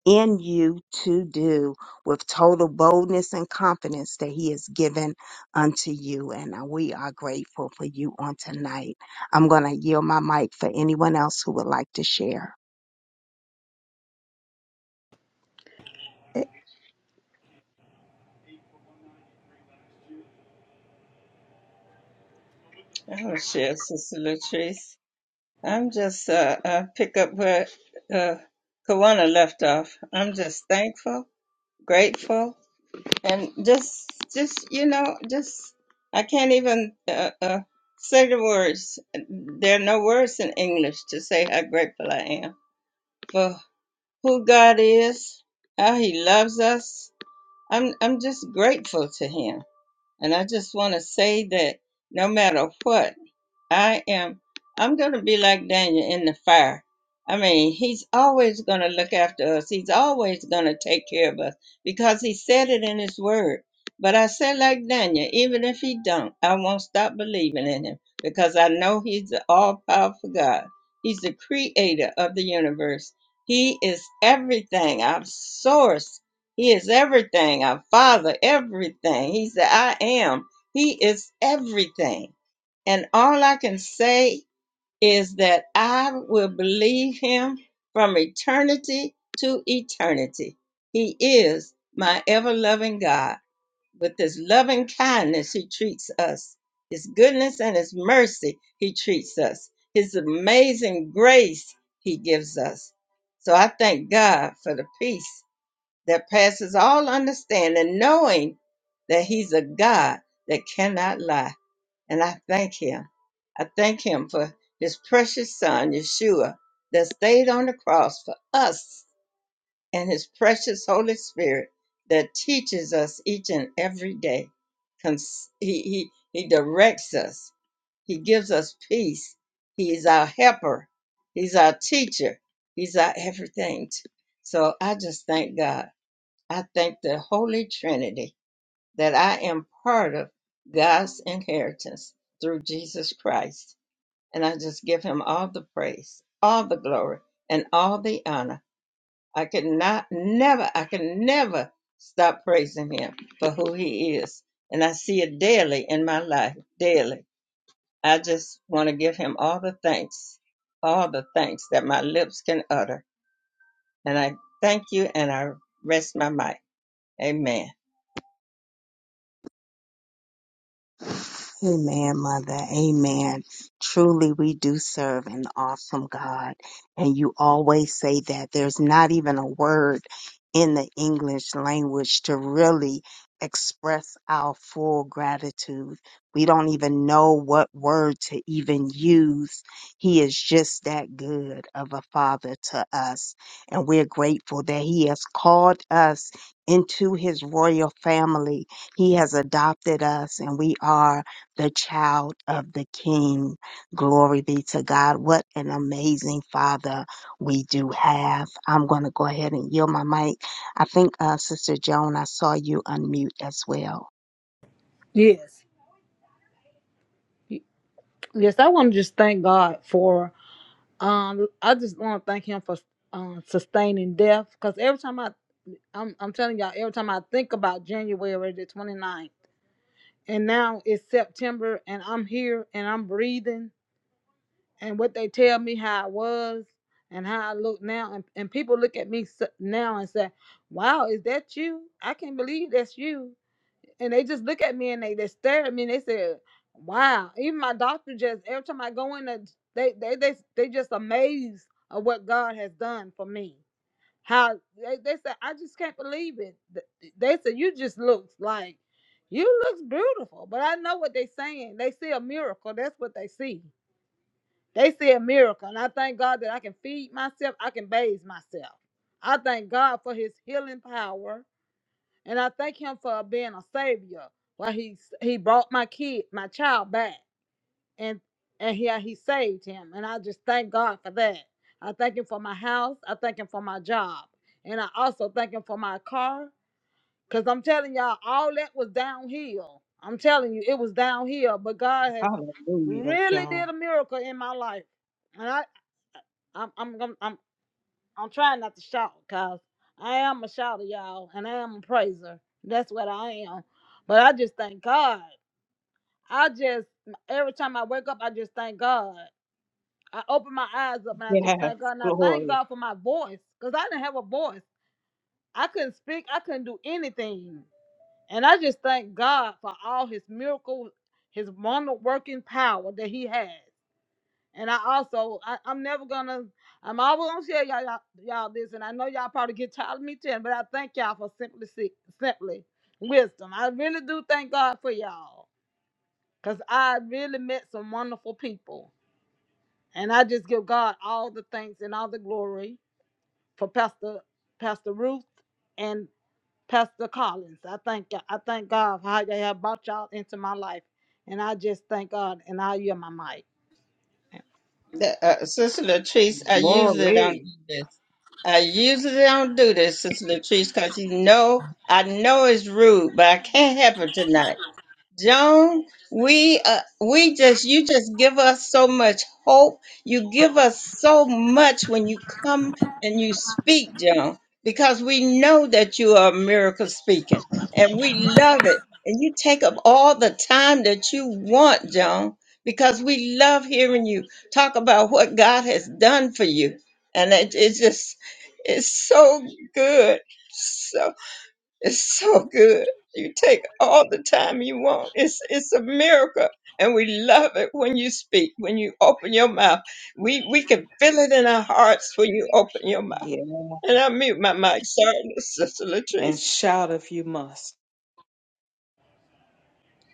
[SPEAKER 1] in you to do with total boldness and confidence that he has given unto you. And uh, we are grateful for you on tonight. I'm going to yield my mic for anyone else who would like to share.
[SPEAKER 5] Oh, share, Sister Latrice. I'm just, uh, I pick up where uh, Kawana left off. I'm just thankful, grateful, and just, just, you know, just, I can't even uh, uh, say the words. There are no words in English to say how grateful I am for who God is, how He loves us, I'm I'm just grateful to him. And I just want to say that no matter what, I am. I'm going to be like Daniel in the fire. I mean, he's always going to look after us. He's always going to take care of us because he said it in his word. But I said like Daniel, even if he don't, I won't stop believing in him because I know he's the all-powerful God. He's the creator of the universe. He is everything, our source. He is everything, our father, everything. He's the I am. He is everything. And all I can say is that I will believe him from eternity to eternity. He is my ever loving God. With his loving kindness, he treats us. His goodness and his mercy, he treats us. His amazing grace, he gives us. So I thank God for the peace that passes all understanding, knowing that he's a God that cannot lie. And I thank him. I thank him for his precious son, Yeshua, that stayed on the cross for us and his precious Holy Spirit that teaches us each and every day. Cons- He, he, he directs us. He gives us peace. He is our helper. He's our teacher. He's our everything. So I just thank God. I thank the Holy Trinity that I am part of God's inheritance through Jesus Christ. And I just give him all the praise, all the glory, and all the honor. I could not, never, I can never stop praising him for who he is. And I see it daily in my life, daily. I just want to give him all the thanks, all the thanks that my lips can utter. And I thank you and I rest my mic. Amen.
[SPEAKER 1] Amen, Mother. Amen. Truly, we do serve an awesome God. And you always say that there's not even a word in the English language to really express our full gratitude. We don't even know what word to even use. He is just that good of a father to us. And we're grateful that He has called us into His royal family he has adopted us and we are the child of the King. Glory be to God. What an amazing Father we do have. I'm going to go ahead and yield my mic. I think, uh, Sister Joan, I saw you unmute as well.
[SPEAKER 7] Yes. Yes, I want to just thank God for um I just want to thank him for um sustaining death cuz every time I I'm I'm telling y'all every time I think about January the 29th and now it's September and I'm here and I'm breathing and what they tell me how I was and how I look now and, and people look at me s- now and say, "Wow, is that you? I can't believe that's you." and they just look at me and they they stare at me and they said, "Wow!" Even my doctor just every time I go in, there, they they they they just amazed of what God has done for me. How they they said, "I just can't believe it." Th- They said, "You just look like you looks beautiful," but I know what they're saying. They see a miracle. That's what they see. They see a miracle, and I thank God that I can feed myself. I can bathe myself. I thank God for His healing power. And I thank him for being a savior. Like he he brought my kid, my child back. And and he he saved him. And I just thank God for that. I thank him for my house. I thank him for my job. And I also thank him for my car. Cause I'm telling y'all, all that was downhill. I'm telling you, it was downhill. But God has
[SPEAKER 8] Hallelujah,
[SPEAKER 7] really
[SPEAKER 8] John.
[SPEAKER 7] did a miracle in my life. And I I'm I'm I'm, I'm trying not to shout because I am a shouter, y'all, and I am a praiser. That's what I am. But I just thank God. I just, every time I wake up, I just thank God. I open my eyes up and I just
[SPEAKER 8] Yes,
[SPEAKER 7] thank God. And I thank
[SPEAKER 8] glory,
[SPEAKER 7] God for my voice because I didn't have a voice. I couldn't speak, I couldn't do anything. And I just thank God for all his miracles, his wonder working power that he has. And I also, I, I'm never gonna, I'm always gonna tell y'all, y'all, y'all this, and I know y'all probably get tired of me telling, but I thank y'all for simply, si- simply wisdom. I really do thank God for y'all, cause I really met some wonderful people, and I just give God all the thanks and all the glory for Pastor, Pastor Ruth, and Pastor Collins. I thank, you I thank God for how y'all have brought y'all into my life, and I just thank God, and I hear my mic.
[SPEAKER 5] The, uh, Sister Latrice, I usually don't
[SPEAKER 8] Glory.
[SPEAKER 5] do this. I usually don't do this, Sister Latrice, because you know I know it's rude, but I can't help it tonight. Joan, we uh, we just you just give us so much hope. You give us so much when you come and you speak, Joan, because we know that you are a miracle speaking, and we love it. And you take up all the time that you want, Joan, because we love hearing you talk about what God has done for you, and it, it's just it's so good, so it's so good. You take all the time you want. It's it's a miracle. And we love it when you speak, when you open your mouth. We we can feel it in our hearts when you open your
[SPEAKER 8] yeah, and shout if you must.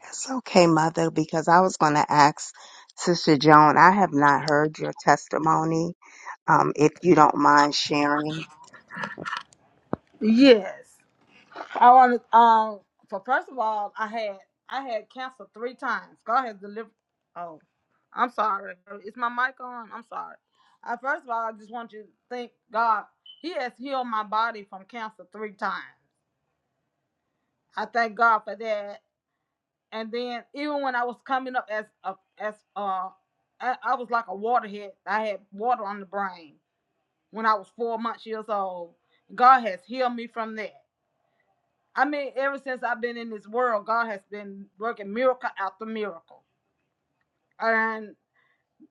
[SPEAKER 1] It's okay, Mother, because I was going to ask Sister Joan, I have not heard your testimony. Um, if you don't mind sharing.
[SPEAKER 7] Yes. I want to, um, so first of all, I had, I had cancer three times. God has delivered. Oh, I'm sorry. Is my mic on? I'm sorry. Uh, first of all, I just want you to thank God. He has healed my body from cancer three times. I thank God for that. And then even when I was coming up as a, as uh, I, I was like a waterhead. I had water on the brain when I was four months years old. God has healed me from that. I mean, ever since I've been in this world, God has been working miracle after miracle. And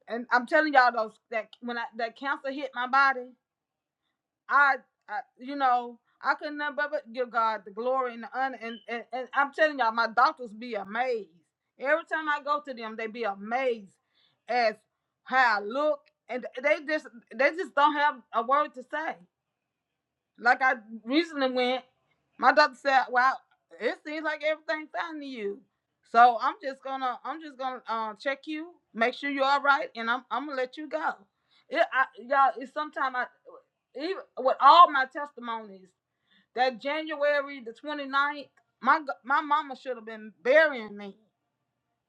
[SPEAKER 7] and I'm telling y'all those that when I, that cancer hit my body, I, I you know I couldn't but but give God the glory and the honor. And, and and I'm telling y'all, my doctors be amazed every time I go to them. They be amazed as how I look, and they just they just don't have a word to say. Like I recently went, my doctor said, "Well, it seems like everything's fine to you." So I'm just gonna, I'm just gonna uh, check you, make sure you're all right, and I'm, I'm gonna let you go. It, I, y'all, it's sometimes I, even with all my testimonies, that January the twenty ninth, my g- my mama should have been burying me.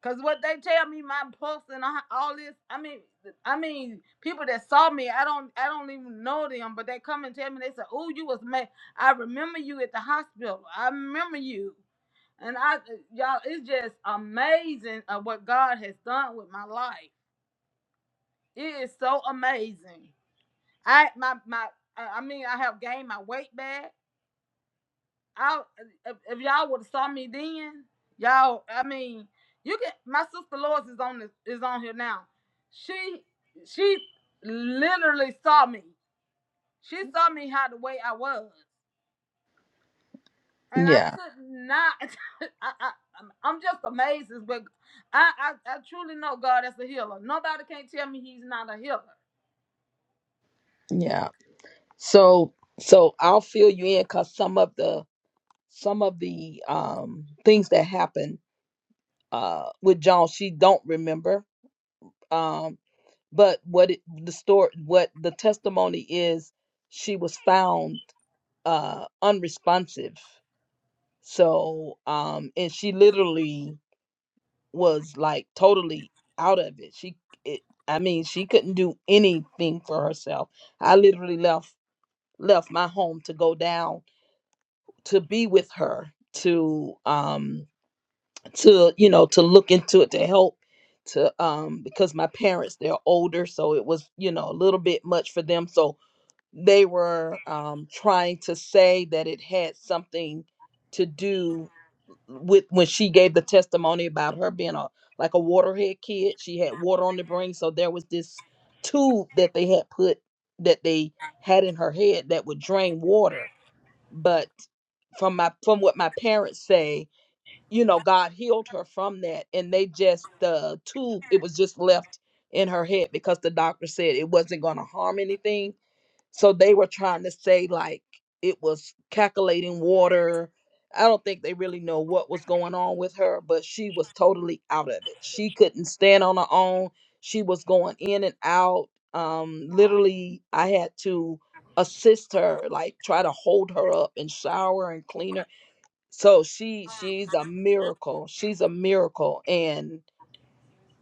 [SPEAKER 7] Cause what they tell me, my books and all this. I mean, I mean, people that saw me, I don't, I don't even know them, but they come and tell me. They say, "Oh, you was mad. I remember you at the hospital. I remember you." And I, y'all, it's just amazing of what God has done with my life. It is so amazing. I, my, my, I mean, I have gained my weight back. I if, if y'all would have saw me then, y'all. I mean, you can. My sister Lois is on this, is on here now. She she literally saw me. She saw me how the way I was, and I
[SPEAKER 4] Yeah,
[SPEAKER 7] could not. (laughs) I, I I'm just amazed. But I, I I truly know God as a healer. Nobody can tell me He's not a healer.
[SPEAKER 4] yeah. So so I'll fill you in because some of the some of the um things that happened uh with John she don't remember. Um but what it the story what the testimony is she was found uh unresponsive. So um and she literally was like totally out of it. She it, I mean, she couldn't do anything for herself. I literally left left my home to go down to be with her, to um to you know, to look into it, to help to um because my parents they're older, so it was, you know, a little bit much for them. So they were um trying to say that it had something to do with when she gave the testimony about her being a like a waterhead kid she had water on the brain so there was this tube that they had put that they had in her head that would drain water but from my from what my parents say you know god healed her from that and they just the tube it was just left in her head because the doctor said it wasn't going to harm anything so they were trying to say like it was calculating water. I don't think they really know what was going on with her, but she was totally out of it. She couldn't stand on her own. She was going in and out. Um, literally, I had to assist her, like try to hold her up and shower and clean her. So she she's a miracle. She's a miracle, and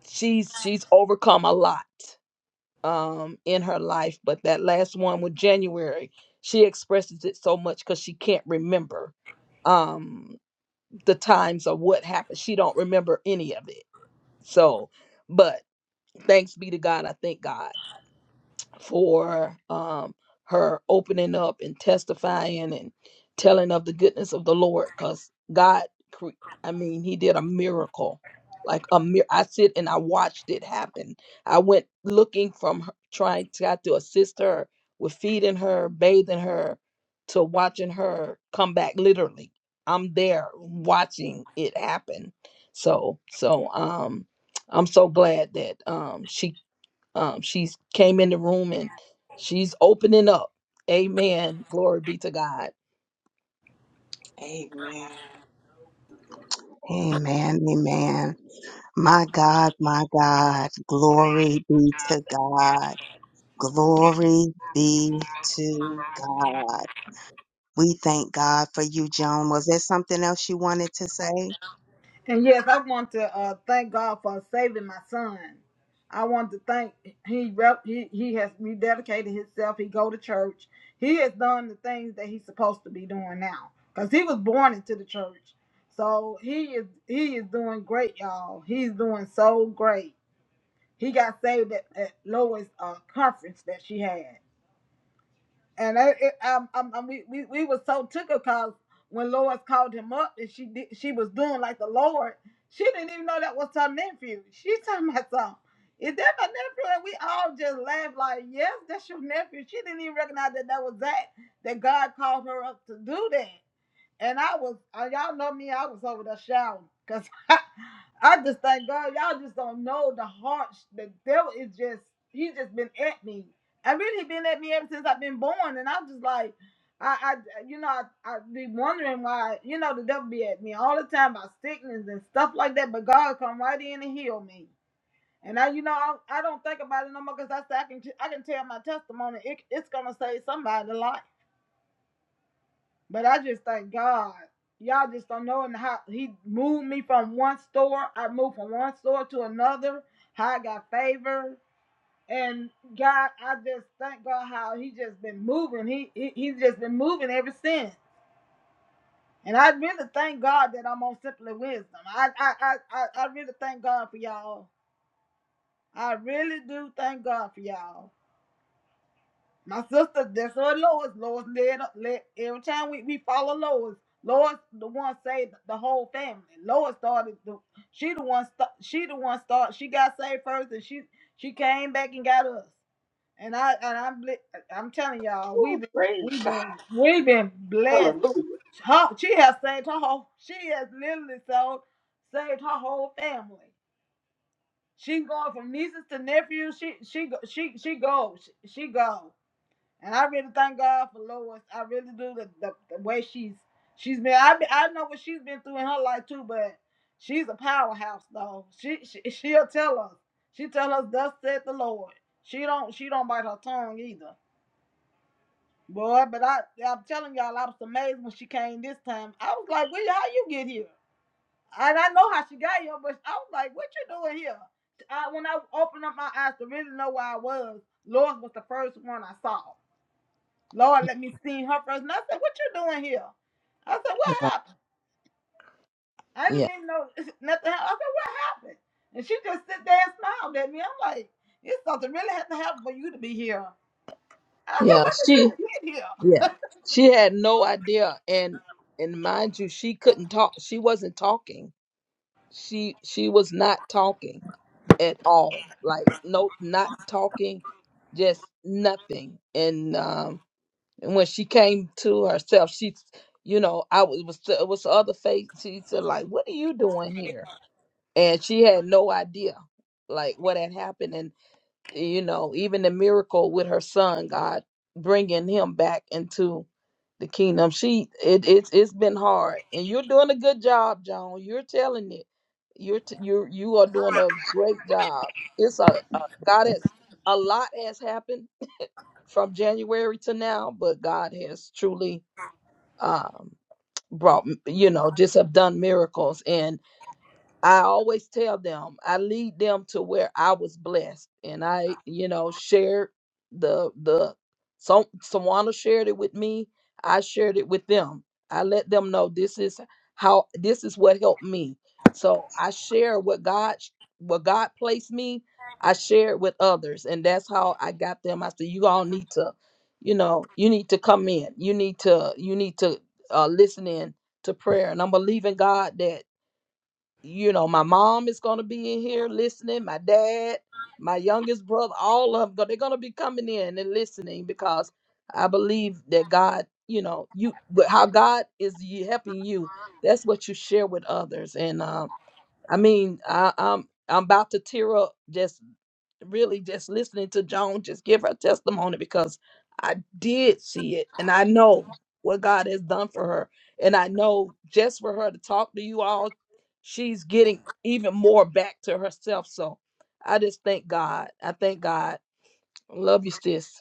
[SPEAKER 4] she's she's overcome a lot um in her life but that last one with january she expresses it so much because she can't remember um the times or what happened she don't remember any of it so but thanks be to god i thank god for um, her opening up and testifying and telling of the goodness of the Lord. Because God, cre- I mean, He did a miracle. Like a mir- I sit and I watched it happen. I went looking from her, trying to try to assist her with feeding her, bathing her, to watching her come back. Literally, I'm there watching it happen. So, so um, I'm so glad that um, she um, she's came in the room and she's opening up. Amen. Glory be to God.
[SPEAKER 8] Amen.
[SPEAKER 1] Amen. Amen. My God, my God. Glory be to God. Glory be to God. We thank God for you, Joan. Was there something else you wanted to say?
[SPEAKER 7] And yes, I want to uh, thank God for saving my son. I want to thank he rep, he he has rededicated himself. He go to church. He has done the things that he's supposed to be doing now because he was born into the church. So he is he is doing great, y'all. He's doing so great. He got saved at, at Lois' uh, conference that she had. And I, it, um, um, um, we, we, we was so took because when Lois called him up and she did, she was doing like the Lord, she didn't even know that was her nephew. She talking about something. Is that my nephew? And we all just laughed like, yes, that's your nephew. She didn't even recognize that that was that, that God called her up to do that. And I was, uh, y'all know me, I was over there shouting. Because (laughs) I, I just thank God, y'all just don't know the heart. sh- The devil is just, he's just been at me. I really been at me ever since I've been born. And I'm just like, I, I you know, I, I be wondering why, you know, the devil be at me all the time about sickness and stuff like that. But God come right in and heal me. And I, you know, I, I don't think about it no more because I, say I can, I can tell my testimony. It, it's gonna save somebody's life. But I just thank God. Y'all just don't know and how he moved me from one store. I moved from one store to another. How I got favor. And God, I just thank God how he just been moving. He, he he's just been moving ever since. And I really thank God that I'm on Simply Wisdom. I, I, I I really thank God for y'all. I really do thank God for y'all. My sister, that's what Lois. Lois led up. Led, every time we, we follow Lois, Lois the one saved the whole family. Lois started. The, she the one. St- she the one start. She got saved first, and she she came back and got us. And I and I'm bl- I'm telling y'all, we have
[SPEAKER 8] Ooh,
[SPEAKER 7] been
[SPEAKER 8] praise
[SPEAKER 7] we have
[SPEAKER 8] God.
[SPEAKER 7] been we have been blessed.
[SPEAKER 8] Hallelujah.
[SPEAKER 7] Her, she has saved her whole. She has literally so saved her whole family. She going from nieces to nephews. She she go- she she goes. She, she goes. And I really thank God for Lois. I really do the, the, the way she's she's been. I I know what she's been through in her life too, but she's a powerhouse though. She, she she'll tell us. She tell us thus said the Lord. She don't she don't bite her tongue either. Boy, but I I'm telling y'all, I was amazed when she came this time. I was like, well, how you get here? And I know how she got here, but I was like, what you doing here? I, when I opened up my eyes to really know where I was, Lois was the first one I saw. Lord, let me see her first. And I said, What you doing here? I said, What
[SPEAKER 4] Yeah,
[SPEAKER 7] happened? I didn't
[SPEAKER 4] yeah,
[SPEAKER 7] even know (laughs) nothing happened. I said, What happened? And she just sit there and smiled at me. I'm like, It's something really had to happen for you to be here. I said,
[SPEAKER 4] yeah.
[SPEAKER 7] What did
[SPEAKER 4] She,
[SPEAKER 7] you get here?
[SPEAKER 4] yeah, she had no idea, and and mind you, she couldn't talk. She wasn't talking. She she was not talking at all. Like no, not talking, just nothing. And um, and when she came to herself, she, you know, I was was it was the other face. She said, like, what are you doing here? and she had no idea like what had happened and you know even the miracle with her son god bringing him back into the kingdom she it, it's it's been hard and you're doing a good job joan you're telling it you're t- you're you are doing a great job it's a, a god has a lot has happened from january to now but god has truly um brought you know just have done miracles I always tell them, I lead them to where I was blessed. And I, you know, shared the the some someone shared it with me. I shared it with them. I let them know this is how this is what helped me. So I share what God what God placed me, I share it with others. And that's how I got them. I said, you all need to, you know, you need to come in. You need to, you need to uh, listen in to prayer. And I'm believing God that you know, my mom is going to be in here listening, my dad, my youngest brother, all of them, they're going to be coming in and listening because I believe that God, you know, you but how God is you helping you, that's what you share with others. And um I mean, I, I'm I'm about to tear up just really just listening to Joan just give her testimony because I did see it and I know what God has done for her. And I know just for her to talk to you all, she's getting even more back to herself. So I just thank God. I thank God. Love you, sis.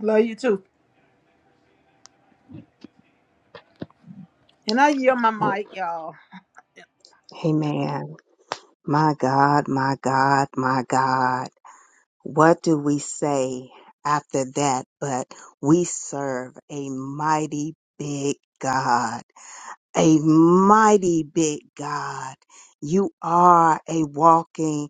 [SPEAKER 7] Love you too. And I yield my mic, y'all.
[SPEAKER 1] Amen. My God, my God, my God. What do we say after that? But we serve a mighty big God. a mighty big God. You are a walking,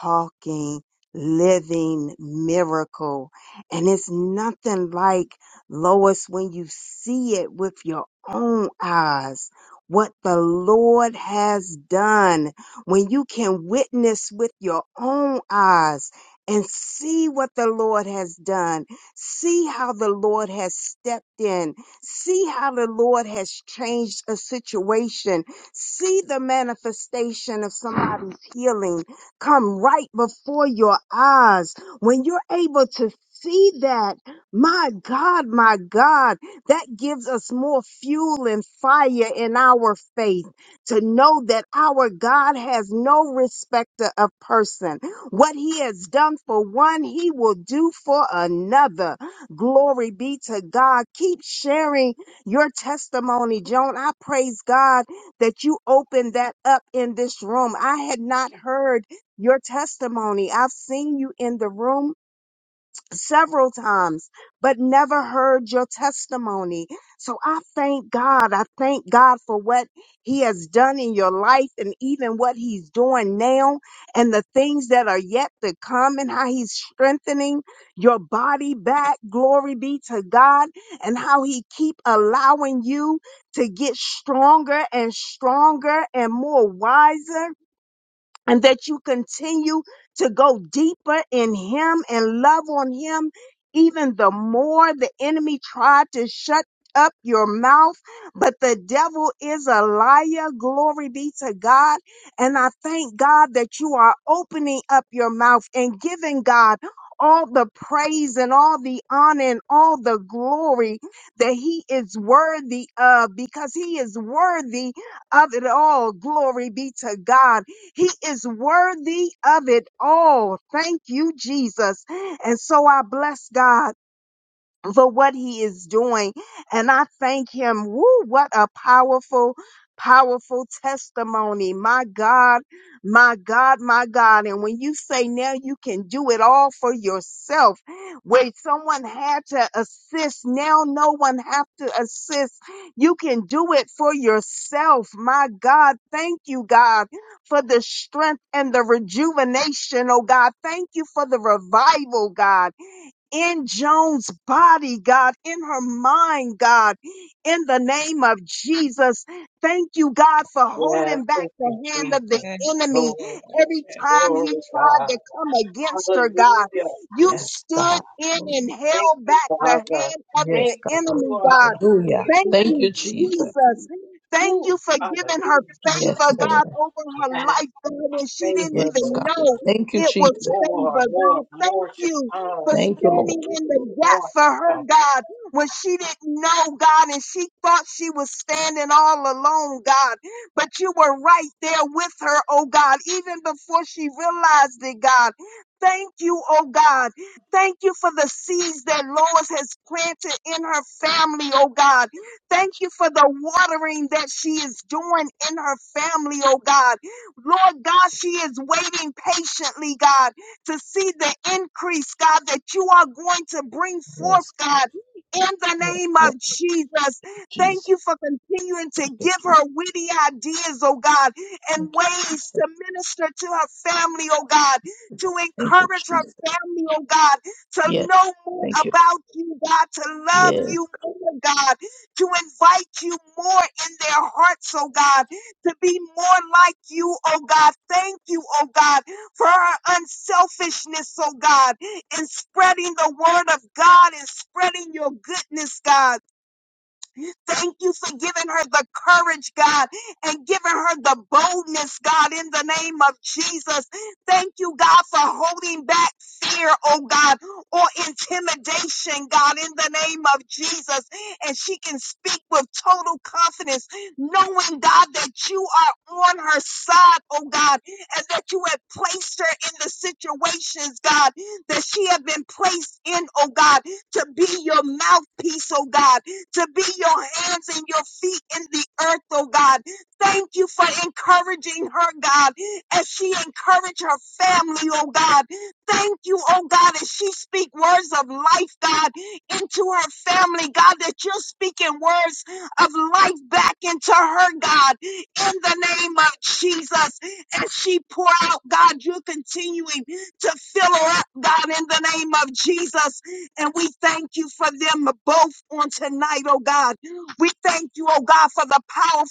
[SPEAKER 1] talking, living miracle. And it's nothing like Lois when you see it with your own eyes. What the Lord has done when you can witness with your own eyes and see what the Lord has done. See how the Lord has stepped in See how the Lord has changed a situation. See the manifestation of somebody's healing come right before your eyes. When you're able to see that, my God, my God, that gives us more fuel and fire in our faith to know that our God has no respecter of person. What he has done for one, he will do for another. Glory be to God. Keep sharing your testimony, Joan. I praise God that you opened that up in this room. I had not heard your testimony. I've seen you in the room several times, but never heard your testimony. So I thank God. I thank God for what He has done in your life and even what He's doing now and the things that are yet to come and how He's strengthening your body back. Glory be to God and how He keep allowing you to get stronger and stronger and more wiser and that you continue to go deeper in him and love on him even the more the enemy tried to shut up your mouth, but the devil is a liar. Glory be to God. And I thank God that you are opening up your mouth and giving God all the praise and all the honor and all the glory that he is worthy of because he is worthy of it all. Glory be to God. He is worthy of it all. Thank you, Jesus. And so I bless God for what he is doing. And I thank him. Woo, what a powerful, powerful testimony. My God, my God, my God. And when you say now you can do it all for yourself, where someone had to assist, now no one have to assist. You can do it for yourself. My God, thank you, God, for the strength and the rejuvenation, oh God. Thank you for the revival, God in Joan's body, God, in her mind, God, in the name of Jesus. Thank you, God, for
[SPEAKER 8] Yes,
[SPEAKER 1] holding back
[SPEAKER 8] thank
[SPEAKER 1] the
[SPEAKER 8] you,
[SPEAKER 1] hand
[SPEAKER 8] Jesus.
[SPEAKER 1] of the enemy
[SPEAKER 8] Glory,
[SPEAKER 1] every time he
[SPEAKER 8] glory,
[SPEAKER 1] tried
[SPEAKER 8] God.
[SPEAKER 1] to come against her, God.
[SPEAKER 8] Hallelujah.
[SPEAKER 1] You
[SPEAKER 4] Yes,
[SPEAKER 8] Yes,
[SPEAKER 1] stood
[SPEAKER 4] God.
[SPEAKER 8] God.
[SPEAKER 1] in and
[SPEAKER 8] Thank
[SPEAKER 1] held
[SPEAKER 8] you,
[SPEAKER 1] back the
[SPEAKER 8] Father.
[SPEAKER 1] hand of the
[SPEAKER 4] Yes,
[SPEAKER 8] Thank you
[SPEAKER 4] God.
[SPEAKER 1] enemy,
[SPEAKER 8] for our
[SPEAKER 1] God.
[SPEAKER 4] Hallelujah.
[SPEAKER 1] Thank
[SPEAKER 4] Thank
[SPEAKER 1] you,
[SPEAKER 8] favor.
[SPEAKER 4] you, Jesus.
[SPEAKER 1] Jesus. Thank
[SPEAKER 8] Ooh,
[SPEAKER 1] you for giving her
[SPEAKER 8] hallelujah.
[SPEAKER 4] Yes,
[SPEAKER 1] favor, God.
[SPEAKER 4] Lord.
[SPEAKER 1] Oh,
[SPEAKER 8] Yes,
[SPEAKER 4] Yes,
[SPEAKER 8] favor, Lord.
[SPEAKER 4] God. Thank you, Jesus.
[SPEAKER 8] More, more, more to come.
[SPEAKER 4] Thank you, Lord.
[SPEAKER 8] More to come.
[SPEAKER 1] but you were right there with her, oh God, even before she realized it, God.
[SPEAKER 4] Yes, God. Yes, Lord. Jesus. Thank you, Thank you, Jesus. Thank you, Jesus. Yes. Thank you. Yes.
[SPEAKER 1] to invite you more in their hearts, oh God.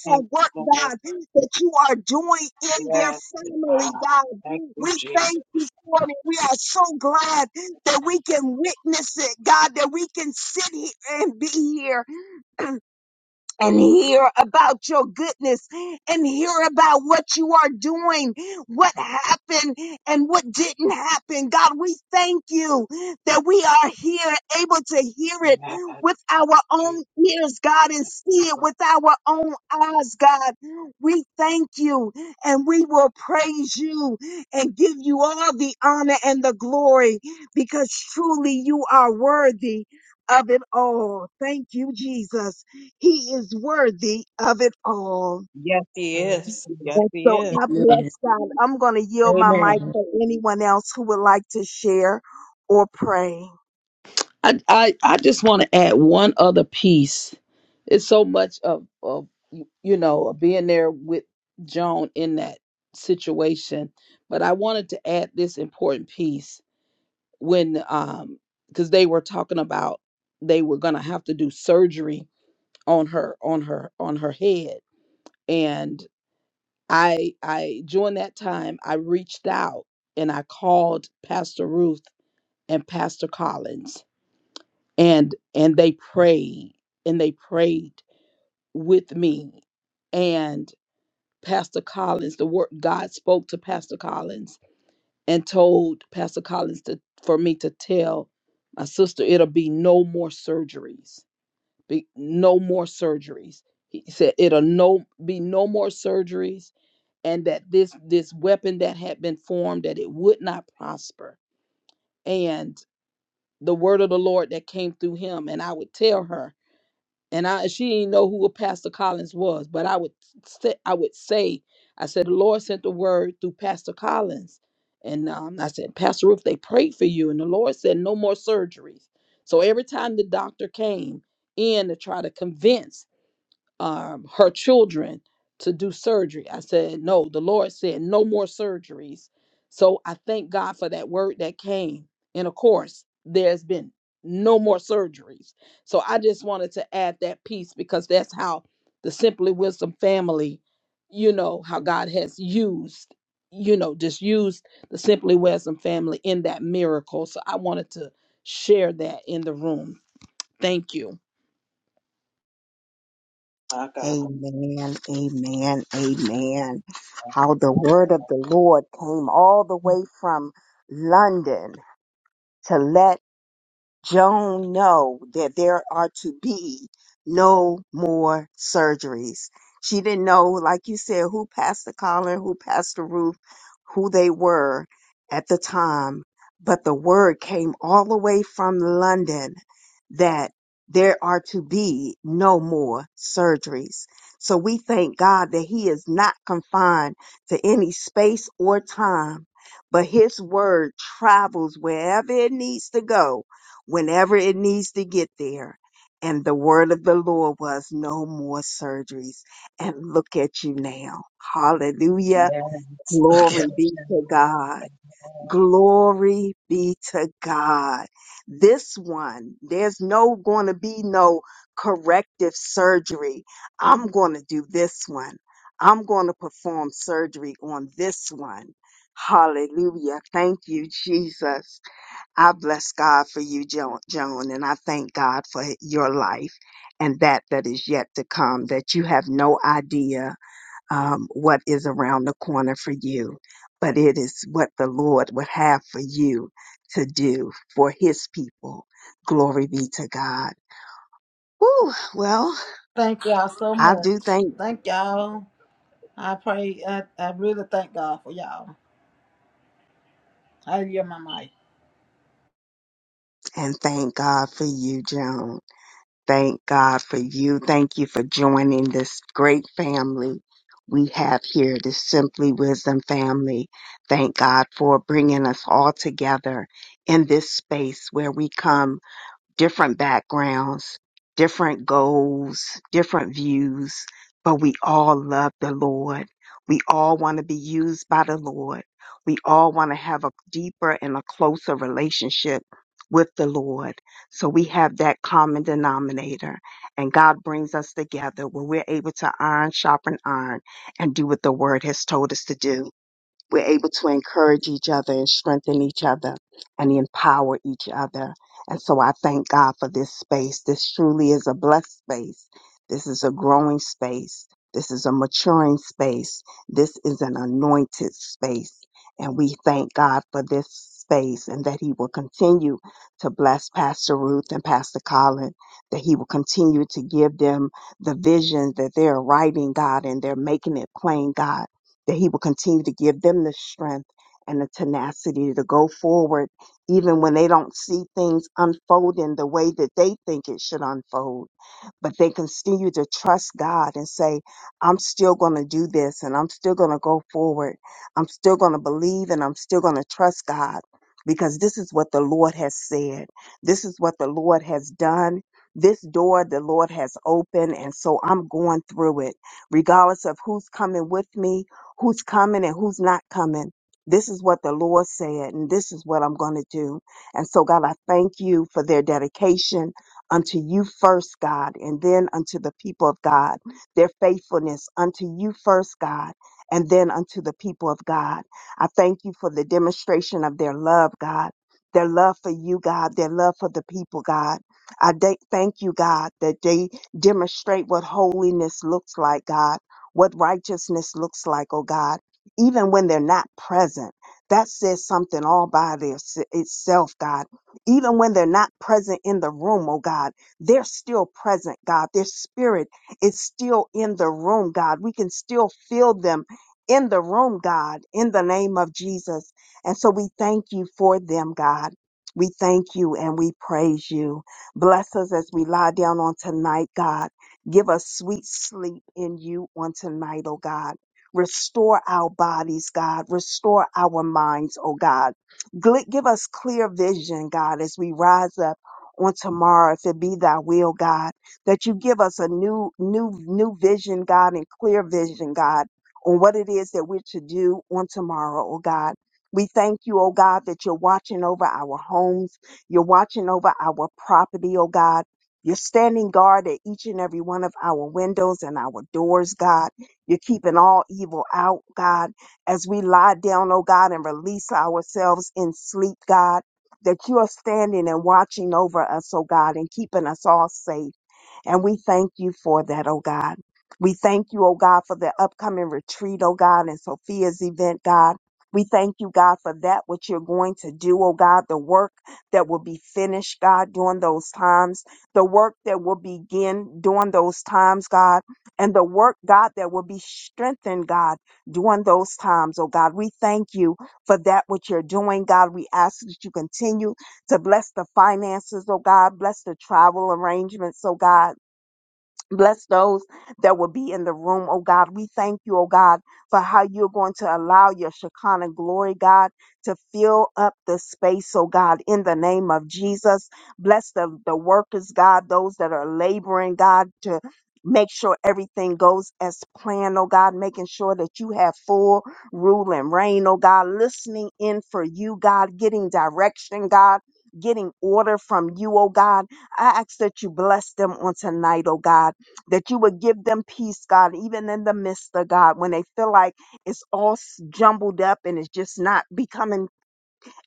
[SPEAKER 8] Thank you, Lord. Yes, God.
[SPEAKER 1] Family, God,
[SPEAKER 8] Thank
[SPEAKER 1] we
[SPEAKER 8] you, Jesus.
[SPEAKER 1] thank you for it. We are so glad that we can witness it, God, that we can sit here and be here and hear about your goodness and hear about what you are doing, what happened and what didn't happen. God, we thank you that we are here able to hear it
[SPEAKER 8] Yes,
[SPEAKER 1] with our
[SPEAKER 8] Jesus.
[SPEAKER 1] own ears, God, and see it with our own eyes, God. We thank you and we will praise you and give you all the honor and the glory because truly you are worthy of it all. Thank you, Jesus. He is worthy of it all.
[SPEAKER 8] Yes, He is. Yes,
[SPEAKER 1] And
[SPEAKER 8] He
[SPEAKER 1] so
[SPEAKER 8] is.
[SPEAKER 1] I bless
[SPEAKER 4] Amen.
[SPEAKER 1] God. I'm going to yield my mic
[SPEAKER 4] Amen.
[SPEAKER 1] for anyone else who would like to share or pray.
[SPEAKER 4] I, I, I just want to add one other piece. It's so much of, of you you know of being there with Joan in that situation, but I wanted to add this important piece when um because they were talking about they were gonna have to do surgery on her on her on her head and. I I during that time I reached out and I called Pastor Ruth and Pastor Collins and and they prayed and they prayed with me and Pastor Collins the word God spoke to Pastor Collins and told Pastor Collins to for me to tell my sister it'll be no more surgeries be no more surgeries he said it'll no be no more surgeries and that this this weapon that had been formed that it would not prosper and the word of the lord that came through him and i would tell her and i she didn't know who pastor collins was but i would say i would say i said the lord sent the word through pastor collins and um, i said pastor ruth they prayed for you and the lord said no more surgeries so every time the doctor came in to try to convince um, her children to do surgery. I said, No, the Lord said, No more surgeries. So I thank God for that word that came. And of course, there's been no more surgeries. So I just wanted to add that piece because that's how the Simply Wisdom family, you know, how God has used, you know, just used the Simply Wisdom family in that miracle. So I wanted to share that in the room. Thank you.
[SPEAKER 8] My God.
[SPEAKER 1] Amen, amen, amen. How the word of the Lord came all the way from London to let Joan know that there are to be no more surgeries. She didn't know, like you said, who Pastor Colin, who Pastor Ruth, who they were at the time. But the word came all the way from London that there are to be no more surgeries. So we thank God that He is not confined to any space or time, but His word travels wherever it needs to go whenever it needs to get there. And the word of the Lord was no more surgeries. And look at you now. Hallelujah.
[SPEAKER 8] Yes. (laughs)
[SPEAKER 1] Glory be to God. Glory be to God. This one, there's no going to be no corrective surgery. I'm going to do this one. I'm going to perform surgery on this one. Hallelujah. Thank you, Jesus. I bless God for you, Jo- Joan, and I thank God for your life and that that is yet to come, that you have no idea um, what is around the corner for you, but it is what the Lord would have for you to do for his people. Glory be to God. Whew, well,
[SPEAKER 7] Thank y'all so
[SPEAKER 1] I do
[SPEAKER 7] much.
[SPEAKER 1] thank
[SPEAKER 7] Thank y'all. I pray. I, I really thank God for y'all. I yield my mic.
[SPEAKER 1] and thank God for you, Joan. Thank God for you. Thank you for joining this great family we have here, this Simply Wisdom family. Thank God for bringing us all together in this space where we come different backgrounds, different goals, different views, but we all love the Lord. We all want to be used by the Lord. We all want to have a deeper and a closer relationship with the Lord. So we have that common denominator and God brings us together where we're able to iron, sharpen iron and do what the word has told us to do we're able to encourage each other and strengthen each other and empower each other. And so I thank God for this space. This truly is a blessed space. This is a growing space. This is a maturing space. This is an anointed space. And we thank God for this space and that He will continue to bless Pastor Ruth and Pastor Colin, that He will continue to give them the vision that they're writing, God, and they're making it plain, God that he will continue to give them the strength and the tenacity to go forward, even when they don't see things unfolding the way that they think it should unfold but they continue to trust God and say, I'm still going to do this and I'm still going to go forward. I'm still going to believe and I'm still going to trust God because this is what the Lord has said. This is what the Lord has done. This door the Lord has opened. And so I'm going through it, regardless of who's coming with me, who's coming and who's not coming. This is what the Lord said, and this is what I'm going to do. And so, God, I thank you for their dedication unto you first, God, and then unto the people of God, their faithfulness unto you first, God, and then unto the people of God. I thank you for the demonstration of their love, God, their love for you, God, their love for the people, God. I da- thank you, God, that they demonstrate what holiness looks like, God, what righteousness looks like, oh God, even when they're not present. That says something all by their, itself, God even when they're not present in the room, oh God, they're still present, God. Their spirit is still in the room, God. We can still feel them in the room, God, in the name of Jesus. And so we thank you for them, God. We thank you and we praise you. Bless us as we lie down on tonight, God. Give us sweet sleep in you on tonight, oh God. Restore our bodies, God. Restore our minds, oh God Gl- Give us clear vision, God, as we rise up on tomorrow, if it be thy will, God, that you give us a new, new, new vision, God, and clear vision, God, on what it is that we're to do on tomorrow, oh God. We thank you, oh God, that you're watching over our homes. You're watching over our property, oh God. You're standing guard at each and every one of our windows and our doors, God. You're keeping all evil out, God as we lie down, oh God, and release ourselves in sleep, God, that you are standing and watching over us, oh God, and keeping us all safe. And we thank you for that, oh God. We thank you, oh God, for the upcoming retreat, oh God, and Sophia's event, God. We thank you, God, for that which you're going to do, oh God, the work that will be finished, God, during those times, the work that will begin during those times, God, and the work, God, that will be strengthened, God, during those times, oh God. We thank you for that which you're doing, God. We ask that you continue to bless the finances, oh God, bless the travel arrangements, oh God Bless those that will be in the room, oh God. We thank you, oh God, for how you're going to allow your Shekinah glory, God, to fill up the space, oh God, in the name of Jesus. Bless the, the workers, God, those that are laboring, God, to make sure everything goes as planned, oh God, making sure that you have full rule and reign, oh God, listening in for you, God, getting direction, God. Getting order from you, oh God. I ask that you bless them on tonight, oh God that you would give them peace, God, even in the midst of God, when they feel like it's all s- jumbled up and it's just not becoming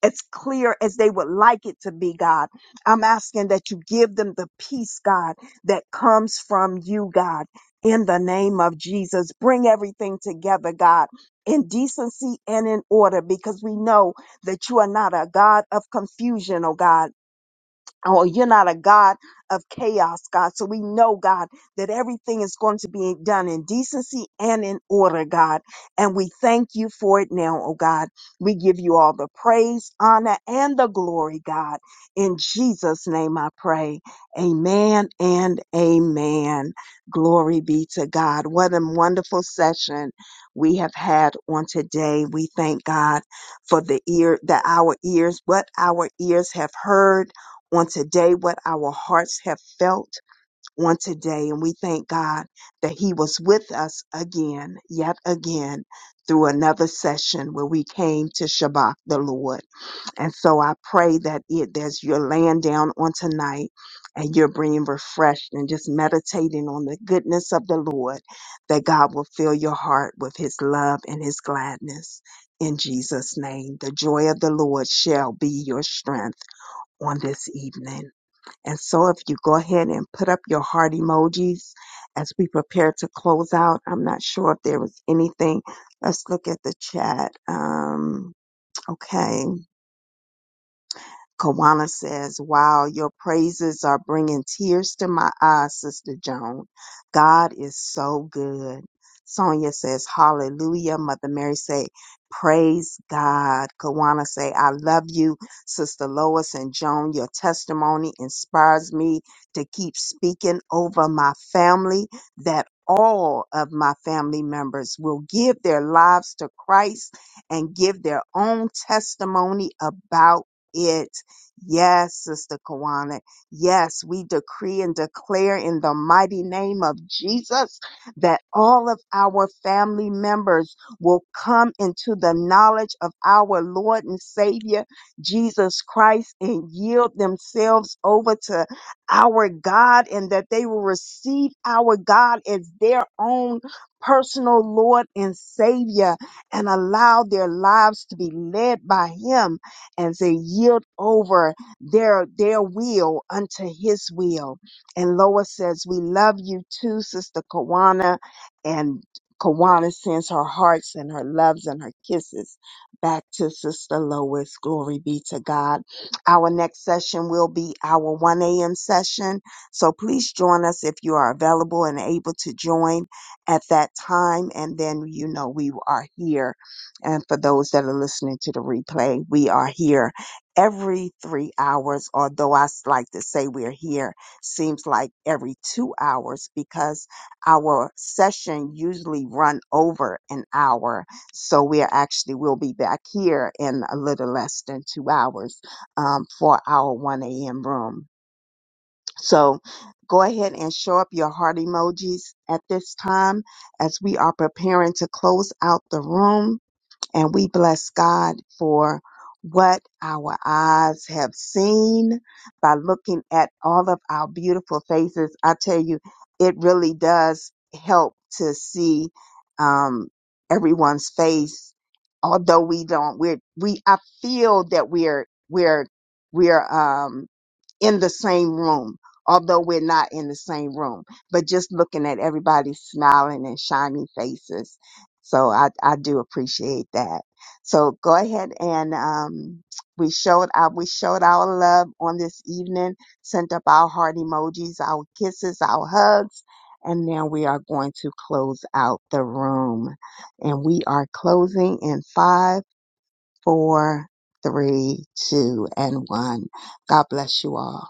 [SPEAKER 1] as clear as they would like it to be, God. I'm asking that you give them the peace, God, that comes from you, God, in the name of Jesus. Bring everything together, God. In decency and in order, because we know that you are not a God of confusion, oh God Oh, you're not a God of chaos, God. So we know, God, that everything is going to be done in decency and in order, God. And we thank you for it now, oh God. We give you all the praise, honor, and the glory, God. In Jesus' name I pray. Amen and amen. Glory be to God. What a wonderful session we have had on today. We thank God for the ear that our ears, what our ears have heard on today what our hearts have felt on today. And we thank God that He was with us again, yet again, through another session where we came to Shabbat the Lord. And so I pray that it, as you're laying down on tonight and you're being refreshed and just meditating on the goodness of the Lord, that God will fill your heart with His love and His gladness. In Jesus' name, the joy of the Lord shall be your strength on this evening. And so if you go ahead and put up your heart emojis as we prepare to close out, I'm not sure if there was anything. Let's look at the chat. Um, okay. Kawana says, Wow, your praises are bringing tears to my eyes, Sister Joan. God is so good. Sonia says, Hallelujah. Mother Mary say, Praise God. Kawana say, I love you, Sister Lois and Joan. Your testimony inspires me to keep speaking over my family that all of my family members will give their lives to Christ and give their own testimony about it. Yes, Sister Kawana. Yes, we decree and declare in the mighty name of Jesus that all of our family members will come into the knowledge of our Lord and Savior, Jesus Christ, and yield themselves over to our God and that they will receive our God as their own personal Lord and Savior and allow their lives to be led by Him and they yield over their their will unto his will. And Lois says, We love you too, Sister Kawana. And Kawana sends her hearts and her loves and her kisses back to Sister Lois. Glory be to God. Our next session will be our 1 a.m. session. So please join us if you are available and able to join at that time. And then, you know, we are here and for those that are listening to the replay, we are here every three hours, although I s- like to say we're here, seems like every two hours because our session usually run over an hour. So we are actually, we'll be back here in a little less than two hours um, for our 1 a.m. room. So go ahead and show up your heart emojis at this time as we are preparing to close out the room and we bless God for what our eyes have seen by looking at all of our beautiful faces. I tell you, it really does help to see um, everyone's face. Although we don't, we're, we, I feel that we're, we're, we're, um, in the same room, although we're not in the same room, but just looking at everybody smiling and shiny faces. So I, I do appreciate that. So go ahead and um, we showed our, we showed our love on this evening, sent up our heart emojis, our kisses, our hugs, and now we are going to close out the room. And we are closing in five, four, three, two, and one. God bless you all.